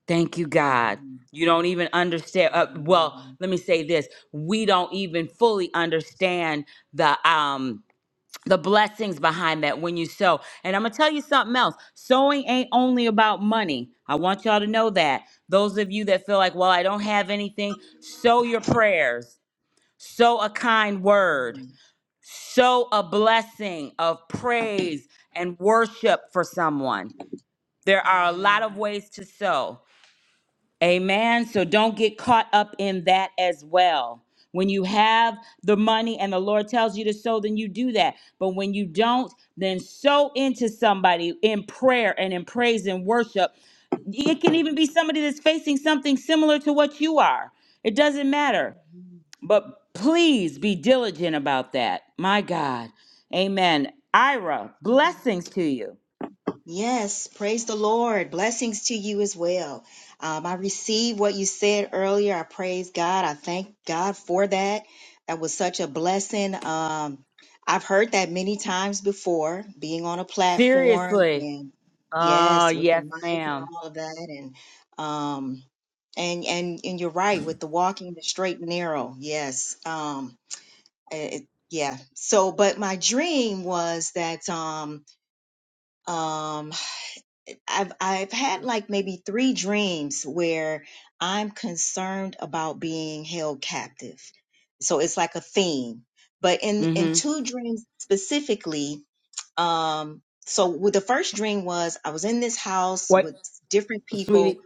A: Thank you, God. You don't even understand. Uh, well, let me say this: we don't even fully understand the um the blessings behind that when you sow. And I'm gonna tell you something else: sowing ain't only about money. I want y'all to know that. Those of you that feel like, well, I don't have anything, sow your prayers, sow a kind word, sow a blessing of praise and worship for someone. There are a lot of ways to sow. Amen. So don't get caught up in that as well. When you have the money and the Lord tells you to sow, then you do that. But when you don't, then sow into somebody in prayer and in praise and worship. It can even be somebody that's facing something similar to what you are. It doesn't matter. But please be diligent about that. My God. Amen. Ira, blessings to you.
F: Yes, praise the Lord. Blessings to you as well. Um, I received what you said earlier. I praise God. I thank God for that. That was such a blessing. Um, I've heard that many times before, being on a platform
A: Seriously.
F: and
A: Oh,
F: yes, with the
A: yes,
F: mic and
A: madam
F: all of that, and um, and and and you're right with the walking the straight and narrow. Yes. Um, it, yeah so but my dream was that um um i've i've had like maybe three dreams where i'm concerned about being held captive so it's like a theme but in in
A: Mm-hmm.
F: two dreams specifically um so with the first dream was i was in this house
A: What
F: with different people
A: Sweetie,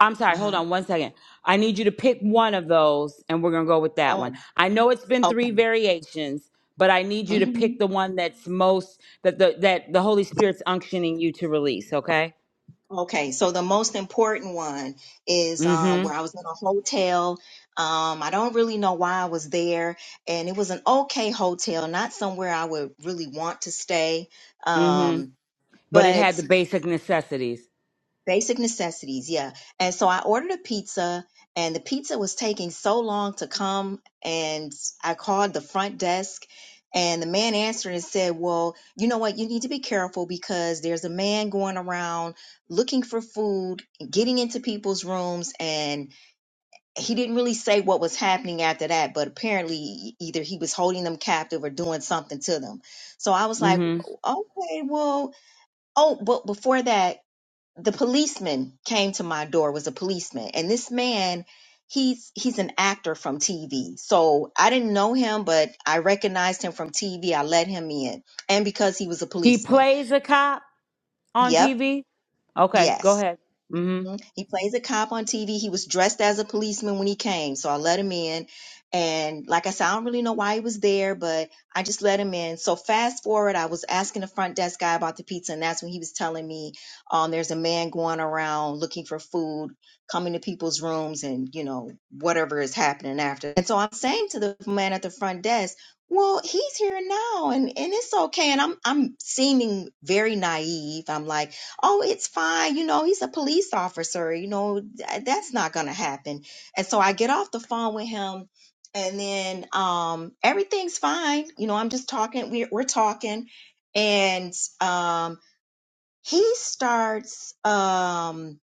A: I'm sorry. Hold
F: uh-huh
A: on one second. I need you to pick one of those, and we're gonna go with that one.
F: oh
A: I know it's been three
F: okay
A: variations, but I need you to
F: Mm-hmm.
A: pick the one that's most that the that the Holy Spirit's unctioning you to release. Okay.
F: Okay, so the most important one is um, where
A: Mm-hmm.
F: I was in a hotel. Um, I don't really know why I was there, and it was an okay hotel, not somewhere I would really want to stay.
A: Mm-hmm.
F: Um,
A: But it
F: but
A: had the basic necessities.
F: Basic necessities, yeah. And so I ordered a pizza, and the pizza was taking so long to come. And I called the front desk, and the man answered and said, Well, you know what? You need to be careful because there's a man going around looking for food, getting into people's rooms. And he didn't really say what was happening after that, but apparently, e-, either he was holding them captive or doing something to them. So I was like,
A: Mm-hmm.
F: Okay, well, oh, but before that, the policeman came to my door was a policeman and this man he's he's an actor from TV so I didn't know him but I recognized him from TV I let him in and because he was a
A: He
F: policeman
A: plays a cop on
F: yep
A: TV. Okay, go
F: Yes.
A: ahead. Mm-hmm.
F: hmm He plays a cop on TV. He was dressed as a policeman when he came, so I let him in. And like I said, I don't really know why he was there, but I just let him in. So fast forward, I was asking the front desk guy about the pizza, and that's when he was telling me, um, there's a man going around looking for food, coming to people's rooms, and you know whatever is happening after. And so I'm saying to the man at the front desk, well, he's here now, and and it's okay. And I'm I'm seeming very naive. I'm like oh, it's fine. You know, he's a police officer. You know, th- that's not going to happen. And so I get off the phone with him and then um, everything's fine. You know, I'm just talking. We're, we're talking. And um, he starts, um,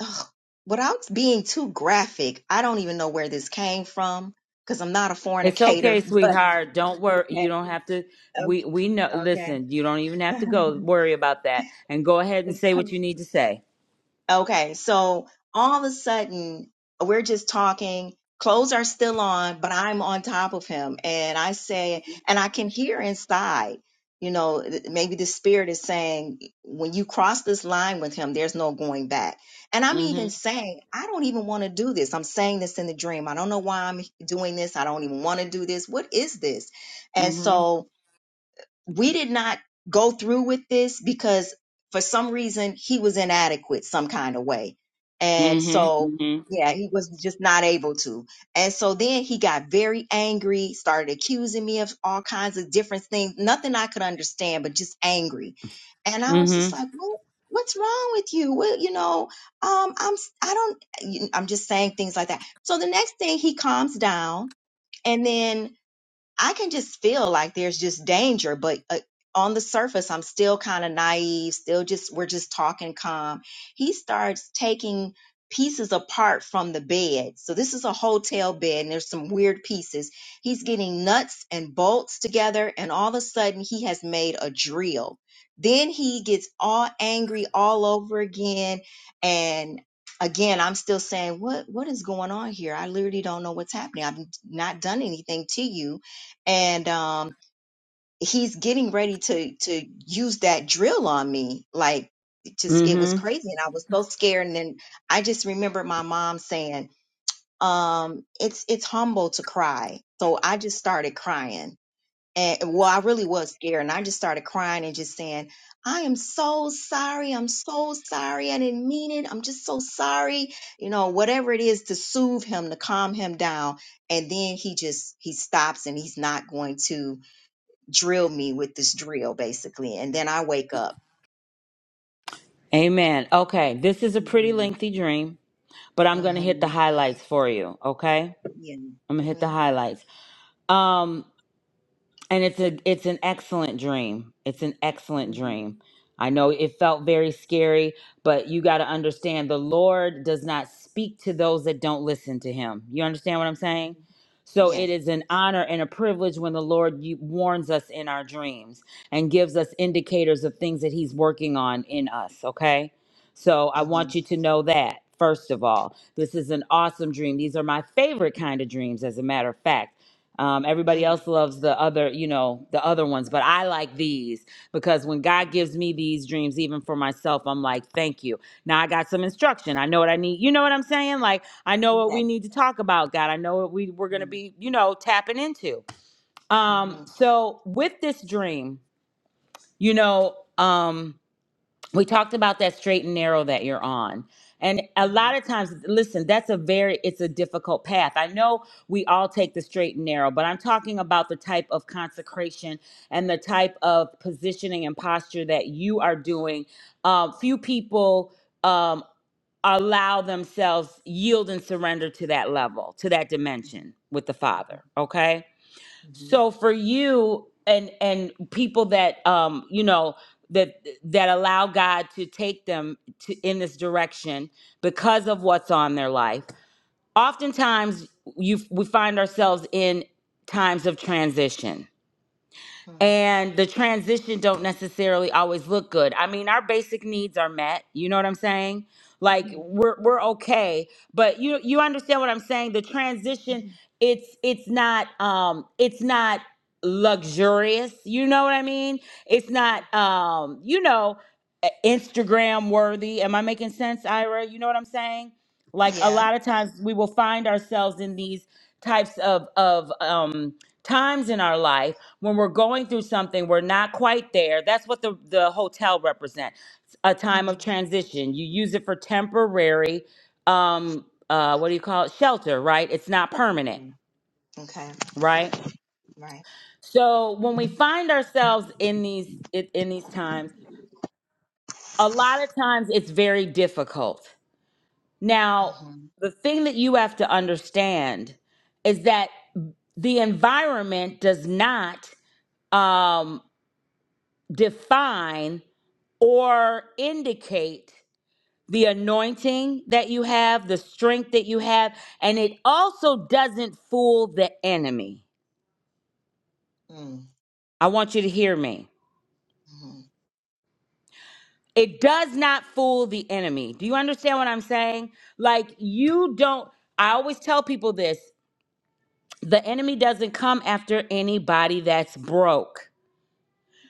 F: ugh, without being too graphic, I don't even know where this came from because I'm not a
A: It's
F: fornicator,
A: okay,
F: [laughs] but
A: sweetheart. Don't worry. You
F: okay,
A: don't have to. We
F: okay,
A: we know.
F: okay.
A: Listen, you don't even have
F: [laughs]
A: to go worry about that. And go ahead and say
F: It's-
A: what you need to say.
F: Okay, so all of a sudden, we're just talking. Clothes are still on, but I'm on top of him. And I say, and I can hear inside, you know, th- maybe the spirit is saying, when you cross this line with him, there's no going back. And I'm even
A: Mm-hmm.
F: saying, I don't even want to do this. I'm saying this in the dream. I don't know why I'm doing this. I don't even want to do this. What is this? And
A: Mm-hmm.
F: so, we did not go through with this because for some reason he was inadequate some kind of way. And
A: Mm-hmm.
F: so,
A: Mm-hmm.
F: yeah, he was just not able to. And so then he got very angry, started accusing me of all kinds of different things, nothing I could understand, but just angry. And I was just
A: Mm-hmm.
F: like, well, what's wrong with you? Well, you know, um, I'm, I don't, I'm just saying things like that. So the next thing he calms down and then I can just feel like there's just danger, but uh, on the surface, I'm still kind of naive, still just, we're just talking calm. He starts taking pieces apart from the bed. So this is a hotel bed and there's some weird pieces. He's getting nuts and bolts together, and all of a sudden, he has made a drill. Then he gets all angry all over again. And again, I'm still saying, what, what is going on here? I literally don't know what's happening. I've not done anything to you and um he's getting ready to to use that drill on me like it just it was
A: Mm-hmm.
F: crazy and i was so scared and then i just remember my mom saying um it's it's humble to cry so i just started crying and well i really was scared and i just started crying and just saying i am so sorry i'm so sorry i didn't mean it i'm just so sorry you know whatever it is to soothe him to calm him down and then he just he stops and he's not going to drill me with this drill basically and then i wake up
A: Amen. Okay. This is a pretty
F: Mm-hmm.
A: lengthy dream, but I'm gonna hit the
F: hmm
A: highlights for you. Okay.
F: yeah
A: I'm gonna hit the
F: hmm
A: highlights. Um. and it's a it's an excellent dream it's an excellent
F: Mm-hmm.
A: dream i know it felt very scary but you got to understand the lord does not speak to those that don't listen to him you understand what i'm saying
F: Mm-hmm.
A: so it
F: yes
A: is an honor and a privilege when the lord y- warns us in our dreams and gives us indicators of things that he's working on in us okay so i
F: mm hmm
A: want you to know that First of all, this is an awesome dream. These are my favorite kind of dreams, as a matter of fact um, everybody
F: mm
A: else loves the other, you know, the other ones, but I like these because when God gives me these dreams, even for myself, I'm like, thank you. Now I got some instruction. I know what I need. You know what I'm saying? Like, I know what
F: yes
A: we need to talk about, God. I know what we, we're going to
F: mm-hmm.
A: be, you know, tapping into. Um,
F: hmm
A: so with this dream, you know, um, we talked about that straight and narrow that you're on and a lot of times listen that's a very it's a difficult path i know we all take the straight and narrow but i'm talking about the type of consecration and the type of positioning and posture that you are doing um, few people um, allow themselves yield and surrender to that level to that dimension with the father okay
F: Mhm.
A: so for you and and people that um you know that that allow God to take them to in this direction because of what's on their life. Oftentimes you we find ourselves in times of transition
F: Mhm.
A: and the transition don't necessarily always look good. I mean, our basic needs are met. You know what I'm saying? Like
F: Mhm.
A: we're we're okay, but you you understand what I'm saying? The transition
F: Mhm.
A: it's it's not um it's not luxurious. You know what I mean? It's not um you know uh, Instagram worthy. Am I making sense, Ira? You know what I'm saying? Like a
F: Yeah.
A: lot of times we will find ourselves in these types of of um times in our life when we're going through something we're not quite there that's what the, the hotel represents a time of
F: Mhm.
A: transition you use it for temporary um uh what do you call it shelter right it's not permanent
F: Mm. Okay.
A: right
F: Right.
A: so when we find ourselves in these in in these times a lot of times it's very difficult now
F: mm
A: the thing that you have to understand is that the environment does not um, define or indicate the anointing that you have, the strength that you have, and it also doesn't fool the enemy.
F: Mhm.
A: I want you to hear me. It does not fool the enemy. Do you understand what I'm saying? Like, you don't, I always tell people this the enemy doesn't come after anybody that's broke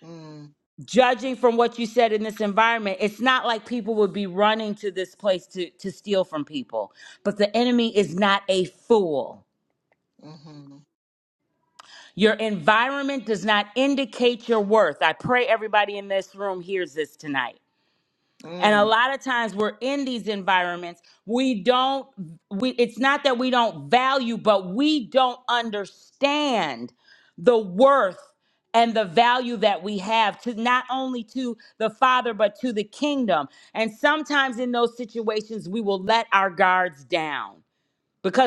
F: Mm.
A: judging from what you said in this environment, it's not like people would be running to this place to, to steal from people. But the enemy is
F: Mhm. Mm.
A: not a fool.
F: hmm
A: Your environment does not indicate your worth. I pray everybody in this room hears this tonight. And a lot of times we're in these environments, we don't we it's not that we don't value, but we don't understand the worth and the value that we have to not only to the father but to the kingdom. And sometimes in those situations we will let our guards down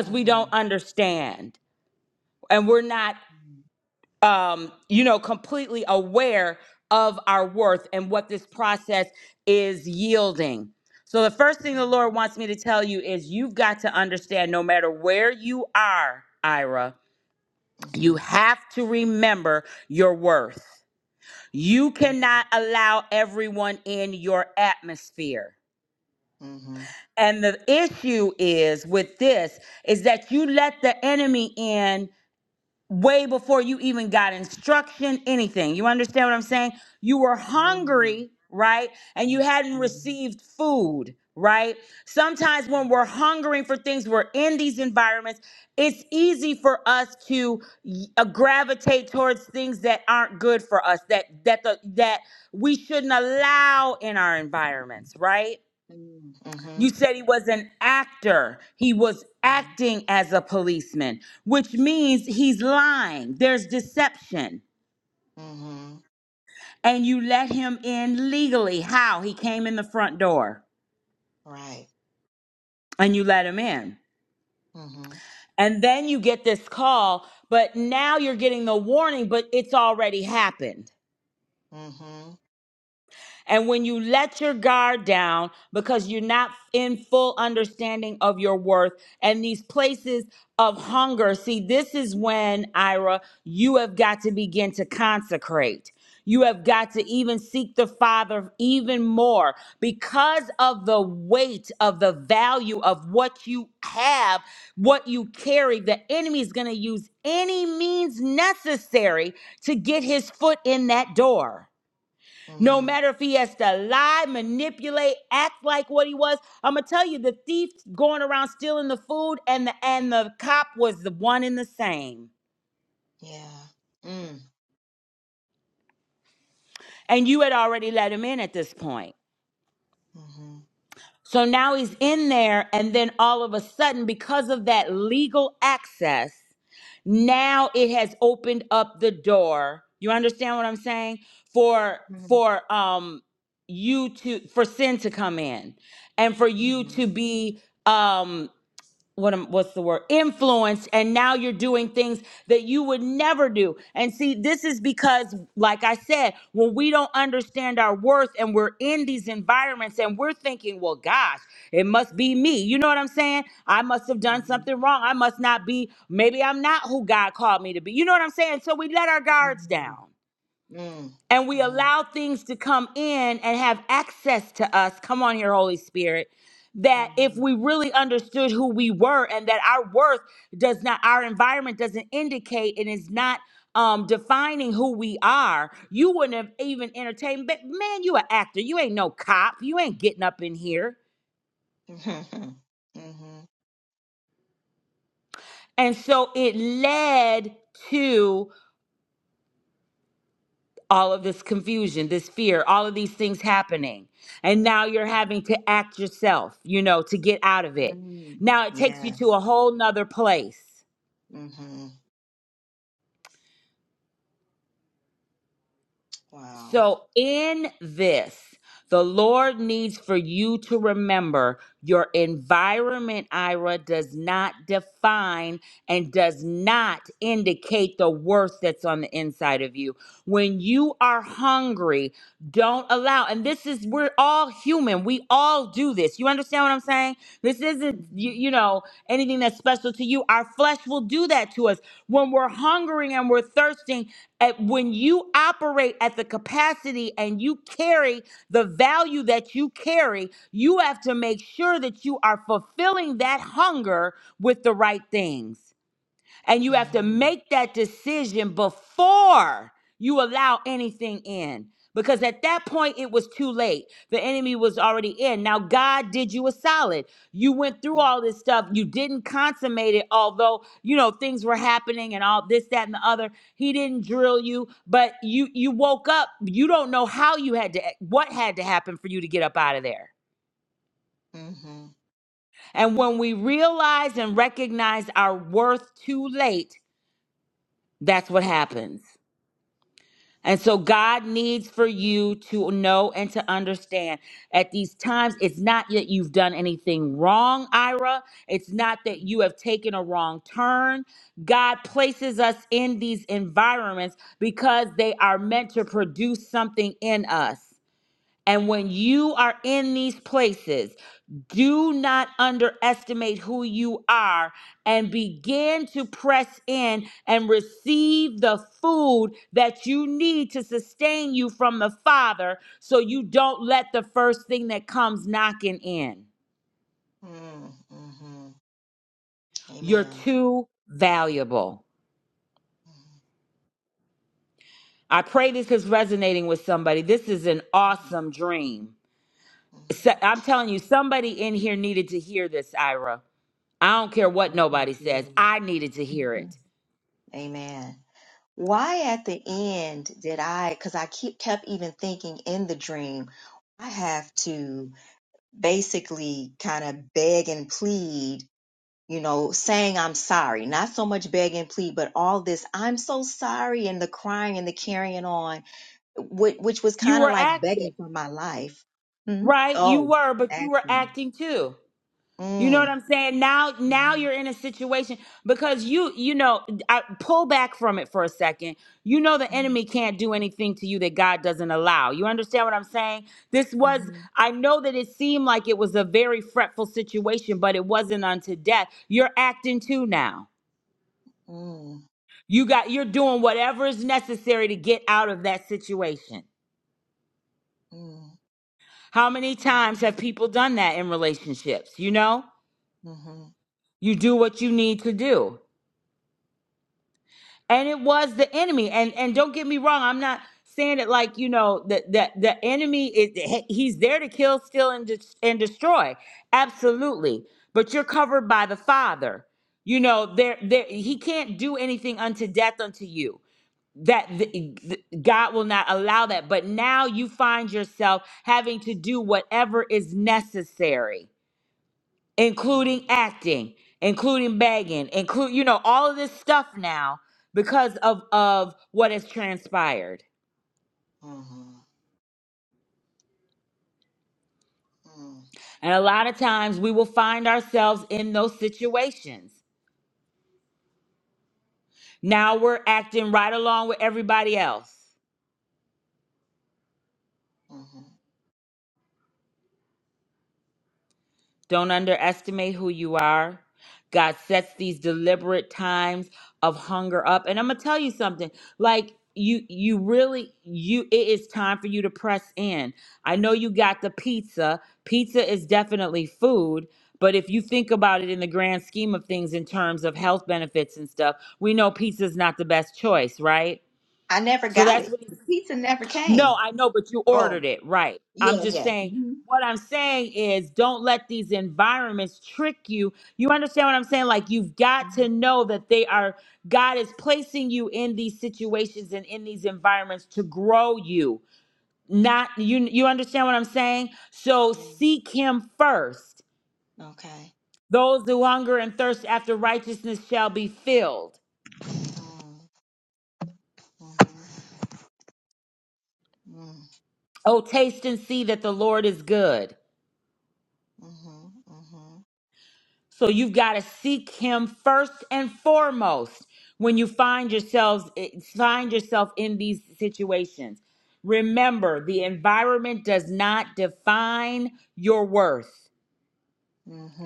F: Mm.
A: we
F: Mhm.
A: don't
F: Mm.
A: understand and we're not um, you know, completely aware of our worth and what this process is yielding. So, the first thing the Lord wants me to tell you is you've got to understand no matter where you are, Ira, you
F: Mhm.
A: have to remember your worth. You
F: Mm.
A: cannot allow everyone in your atmosphere.
F: Mhm. mm Mhm.
A: And the issue is with this is that you let the enemy in way before you even got instruction, anything. You understand what I'm saying? You were
F: mm Mhm.
A: hungry, right? And you hadn't
F: Mhm.
A: received food, right? Sometimes when
F: Mhm.
A: we're hungering for things, we're in these environments, it's easy for us to uh, gravitate towards things that aren't good for us, that that the, that we shouldn't allow in our environments, right?
F: Mm-hmm.
A: You said he was an actor. He was acting as a policeman, which means he's lying. There's deception.
F: Mm-hmm.
A: And you let him in legally. How? He came in the front door
F: Right.
A: and you let him in.
F: Mm-hmm.
A: And then you get this call, but now you're getting the warning, but it's already happened.
F: Mm-hmm.
A: And when you let your guard down because you're not in full understanding of your worth and these places of hunger, see, this is when, Ira, you have got to begin to consecrate. You have got to even seek the Father even more because of the weight of the value of what you have, what you carry. The enemy is going to use any means necessary to get his foot in that door. No
F: Mm-hmm.
A: matter if he has to lie, manipulate, act like what he was. I'm gonna tell you, the thief going around stealing the food and the and the cop was the one and the same.
F: Yeah. Mm.
A: And you had already let him in at this point.
F: Mm-hmm.
A: So now he's in there, and then all of a sudden, because of that legal access, now it has opened up the door. You understand what I'm saying? For
F: Mm-hmm.
A: for um you to for sin to come in and for you to be um what am, what's the word influence and now you're doing things that you would never do and see this is because like i said when we don't understand our worth and we're in these environments and we're thinking well gosh it must be me you know what i'm saying i must have done
F: Mm-hmm.
A: something wrong i must not be maybe i'm not who god called me to be you know what i'm saying so we let our guards
F: Mm-hmm.
A: down
F: Mm.
A: and we
F: Mm-hmm.
A: allow things to come in and have access to us. Come on here, Holy Spirit. That if
F: Mm-hmm.
A: we really understood who we were and that our worth does not, our environment doesn't indicate and is not um, defining who we are, you wouldn't have even entertained. But man, you an actor. You ain't no cop. You ain't getting up in here.
F: Mm-hmm. [laughs]
A: And so it led to. all of this confusion, this fear, all of these things happening. And now you're having to act yourself, you know, to get out of it.
F: Mm.
A: Now it takes you
F: Yeah.
A: to a whole nother place.
F: Mm-hmm. Wow.
A: So, in this, the Lord needs for you to remember your environment, Ira, does not define and does not indicate the worth that's on the inside of you. When you are hungry, don't allow, and this is, we're all human. We all do this. You understand what I'm saying? This isn't, you,
F: Mm-hmm.
A: you know, anything that's special to you. Our flesh will do that to us. When we're hungering and we're thirsting, at- when you operate at the capacity and you carry the value that you carry, you have to make sure that you are fulfilling that hunger with the right things. And you have to
F: Mm-hmm.
A: make that decision before you allow anything in. Because at that point, it was too late. The enemy was already in. Now, God did you a solid. You went through all this stuff. You didn't consummate it, although, you know, things were happening and all this, that, and the other. He didn't drill you, but you you woke up. You don't know how you had to, what had to happen for you to get up out of there.
F: Mm-hmm.
A: And when we realize and recognize our worth too late, that's what happens. And so God needs for you to know and to understand at these times, it's not that you've done anything wrong, Ira. It's not that
F: Mm.
A: you have taken a wrong turn. God places us in these environments because they are meant to produce something in us. And when you are in these places, do not underestimate who you are and begin to press in and receive the food that you need to sustain you from the Father so you don't let the first thing that comes knocking in.
F: Mm-hmm.
A: You're
F: Amen.
A: too valuable. I pray this is resonating with somebody. This is an awesome dream. So-
F: Mm-hmm.
A: I'm telling you, somebody in here needed to hear this, Ira I don't care what nobody says. I needed to hear
F: Mm-hmm.
A: it.
F: [laughs] Amen. Why at the end did I, because I keep, kept even thinking in the dream, I have to basically kind of beg and plead, you know, saying I'm sorry. Not so much beg and plead, but all this, I'm so sorry, and the crying and the carrying on, which, which was
A: You
F: kind
A: were
F: of like
A: acting,
F: begging for my life. hmm
A: right? You
F: Oh,
A: were, but you were
F: acting.
A: acting too. You know what
F: Mm.
A: I'm saying? Now, now
F: Mm-hmm.
A: you're in a situation because you, you know, I, pull back from it for a second. You know, the enemy can't do anything to you that God doesn't allow. You understand what I'm saying? This was,
F: Mm-hmm.
A: I know that it seemed like it was a very fretful situation, but it wasn't unto death. You're acting too now.
F: Mm-hmm.
A: You got, you're doing whatever is necessary to get out of that situation.
F: Mm-hmm.
A: How many times have people done that in relationships? You know,
F: Mm-hmm.
A: you do what you need to do. And it was the enemy. And and don't get me wrong, I'm not saying it like, you know, that the, the enemy is he- he's there to kill, steal and des- and destroy. Absolutely. But you're covered by the Father. You know, there there he can't do anything unto death unto you. That th- th- God will not allow that. But now you find yourself having to do whatever is necessary
F: Mm-hmm.
A: including acting, including begging, include you know all of this stuff now because of of what has transpired.
F: Mm-hmm.
A: And a lot of times we will find ourselves in those situations. Now we're acting right along with everybody else.
F: Mm-hmm.
A: Don't underestimate who you are. God sets these deliberate times of hunger up. And I'm going to tell you something. Like you you really you it is time for you to press in. I know you got the pizza. Pizza is definitely food, but if you think about it in the grand scheme of things in terms of health benefits and stuff, we know pizza's not the best choice, right?
F: I never
A: So
F: got
A: that's
F: it.
A: what
F: The pizza never
A: no,
F: came.
A: I know, but you
F: Oh,
A: ordered it, right? I'm
F: yeah,
A: just
F: yeah.
A: saying,
F: Mm-hmm.
A: what I'm saying is don't let these environments trick you. You understand what I'm saying? Like, you've got
F: Mm-hmm.
A: to know that they are, God is placing you in these situations and in these environments to grow you. Not, you, you understand what I'm saying? So
F: Yeah.
A: seek Him first.
F: Okay.
A: Those who hunger and thirst after righteousness shall be filled.
F: Mm-hmm.
A: Oh, taste and see that the Lord is good.
F: Mm-hmm. Mm-hmm.
A: So you've got to seek him first and foremost when you find yourselves eh, find yourself in these situations. Remember, the environment does not define your worth.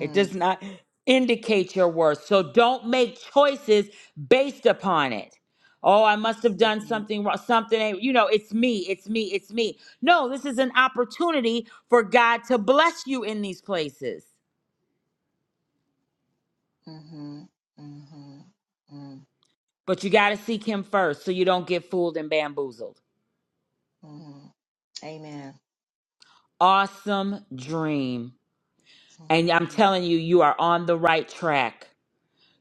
A: It does not indicate your worth. So don't make choices based upon it. Oh, I must have done
F: Mm-hmm.
A: something wrong, something, you know, it's me, it's me, it's me. No, this is an opportunity for God to bless you in these places.
F: Mm-hmm. Mm-hmm.
A: But you got to seek him first so you don't get fooled and bamboozled.
F: Mm-hmm. Amen.
A: Awesome dream. And I'm telling you, you are on the right track.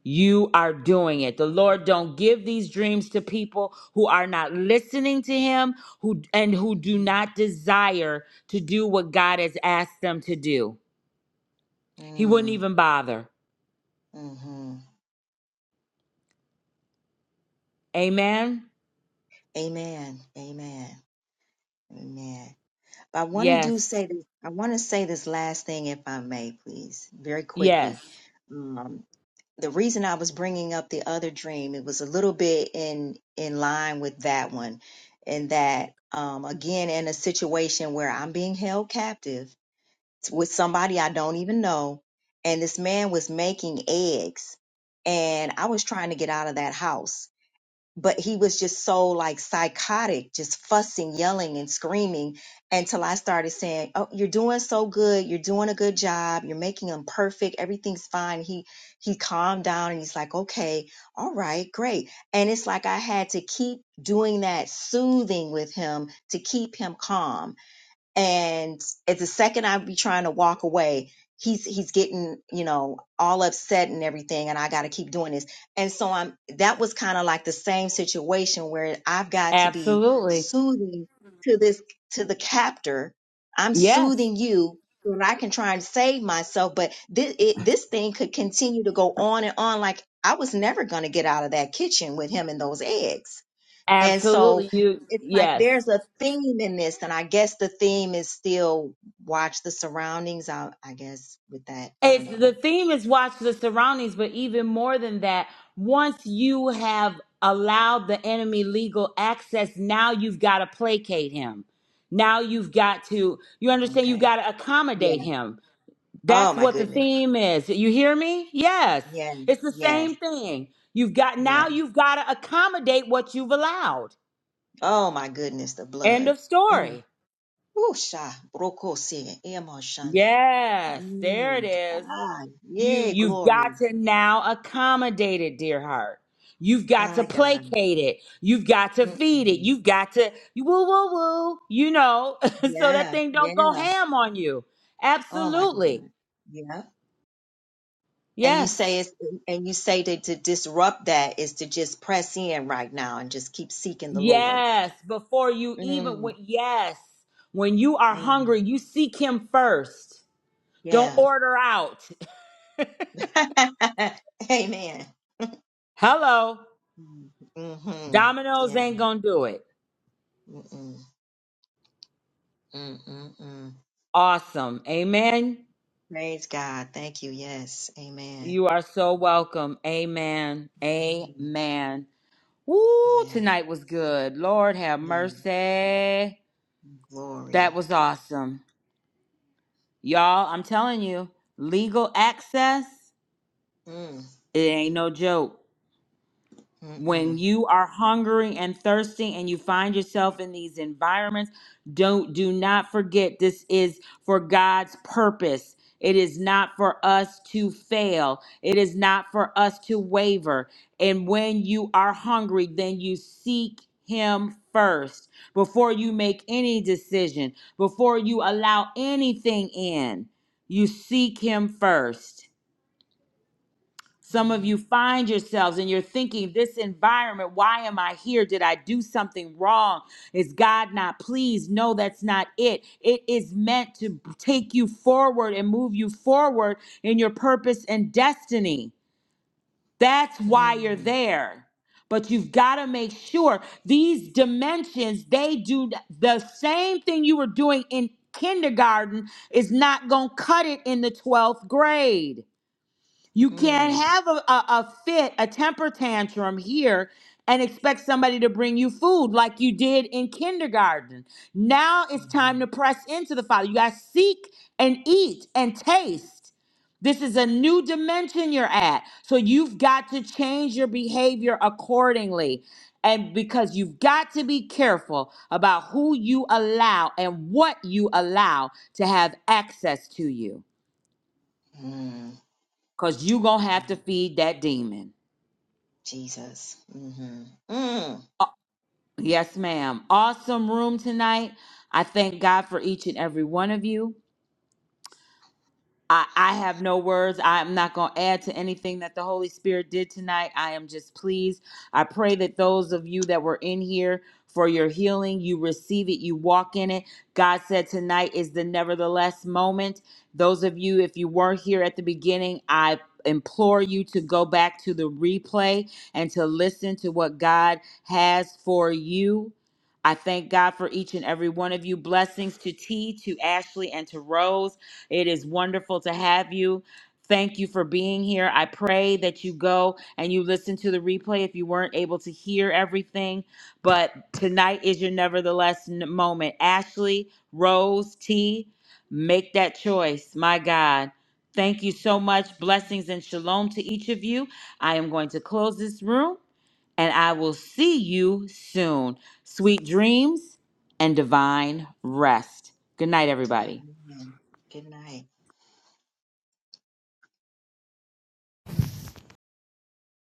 A: You are doing it. The Lord don't give these dreams to people who are not listening to him, who and who do not desire to do what God has asked them to do. He wouldn't
F: Mm-hmm.
A: even bother.
F: Mm-hmm.
A: Amen.
F: Amen. Amen. Amen. But I want to do
A: Yes.
F: say this. I want to say this last thing, if I may, please, very quickly.
A: Yes.
F: Um, the reason I was bringing up the other dream, it was a little bit in in line with that one, in that um, again, in a situation where I'm being held captive with somebody I don't even know, and this man was making eggs, and I was trying to get out of that house but he was just so like psychotic, just fussing, yelling, and screaming until I started saying, "Oh, you're doing so good. You're doing a good job. You're making them perfect. Everything's fine." He he calmed down and he's like, "Okay, all right, great." And it's like I had to keep doing that soothing with him to keep him calm and at the second I be trying to walk away, he's he's getting you know all upset and everything, and I got to keep doing this. And so I'm that was kind of like the same situation where I've got to be
A: Absolutely.
F: soothing to this to the captor. I'm
A: Yes.
F: soothing you so that I can try and save myself, but this it, this thing could continue to go on and on like. I was never going to get out of that kitchen with him and those eggs and so
A: Absolutely. You
F: it's like
A: yes.
F: there's a theme in this, and I guess the theme is still watch the surroundings. I, I guess with that, I don't
A: It's the
F: know.
A: theme is watch the surroundings, but even more than that, once you have allowed the enemy legal access, now you've got to placate him. Now you've got to, you understand, you've
F: Okay.
A: got to accommodate
F: Yeah.
A: him.
F: Oh
A: That's
F: my
A: what the
F: goodness.
A: theme is. You hear me? Yes.
F: Yes.
A: It's the same
F: Yes.
A: thing. You've got, now
F: Yes.
A: you've got to accommodate what you've allowed.
F: Oh my goodness. The
A: End
F: blood.
A: of
F: Mm.
A: story.
F: Usha broko se emo shanda.
A: Yes, there it
F: Mm.
A: is.
F: Ah.
A: You
F: Yay.
A: you've
F: Glory.
A: got to now accommodate it, dear heart. You've got to
F: My God.
A: placate it. You've got to feed it.
F: Mm-mm.
A: You've got to you woo woo woo. You know, [laughs] so that
F: Yeah.
A: thing don't go
F: Yeah.
A: ham on you.
F: Oh my
A: Absolutely.
F: God. Yeah. And you
A: Yes.
F: say it's, and you say that to disrupt that is to just press in right now and just keep seeking the Lord.
A: Yes. Before you even
F: Mm,
A: when yes. When you are
F: mm,
A: hungry, you seek him first. Don't
F: yeah.
A: order out. [laughs]
F: [laughs] Amen.
A: Hello.
F: Mm-hmm.
A: Domino's
F: Yeah.
A: ain't gonna do it.
F: Mm-mm. Mm-mm-mm.
A: Awesome. Amen.
F: Praise God. Thank you. Yes. Amen.
A: You are so welcome. Amen.
F: Mm,
A: Amen. Woo,
F: Yeah.
A: tonight was good. Lord have
F: Yeah.
A: mercy. That
F: Glory.
A: was awesome. Y'all, I'm telling you, legal access,
F: Mm.
A: it ain't no joke.
F: Mm-mm.
A: when you are hungering and thirsting and you find yourself in these environments don't do not forget this is for God's purpose it is not for us to fail it is not for us to waver and when you are hungry then you seek him first before you make any decision before you allow anything in you seek him first some of
F: Mm.
A: you find yourselves and you're thinking, this environment, why am I here? Did I do something wrong? Is God not pleased? No, that's not it. It is meant to take you forward and move you forward in your purpose and destiny. That's why you're
F: Mm.
A: there. But you've got to make sure these dimensions, they do the same thing you were doing in kindergarten, is not going to cut it in the 12th grade. You can't
F: Mm.
A: have a, a, a fit, a temper tantrum here and expect somebody to bring you food like you did in kindergarten. Now it's time
F: Mm.
A: to press into the Father. You got to seek and eat and taste. This is a new dimension you're at. So you've got to change your behavior accordingly. And because you've got to be careful about who you allow and what you allow to have access to you,
F: Mm.
A: because you're going to have to feed that demon.
F: Jesus. Mm-hmm. Mm.
A: Yes, ma'am. Awesome room tonight. I thank God for each and every one of you. I, I have no words. I'm not going to add to anything that the Holy Spirit did tonight. I am just pleased. I pray that those of you that were in here for your healing, you receive it, you walk in it. God said tonight is the nevertheless moment. Those of you, if you weren't here at the beginning, I implore you to go back to the replay and to listen to what God has for you. I thank God for each and every one of you. Blessings to T, to Ashley, and to Rose. It is wonderful to have you. Thank you for being here. I pray that you go and you listen to the replay if you weren't able to hear everything. But tonight is your nevertheless n- moment. Ashley, Rose, T, make that choice. My God. Thank you so much. Blessings and shalom to each of you. I am going to close this room and I will see you soon. Sweet dreams and divine rest. Good night, everybody.
F: Amen. Good night.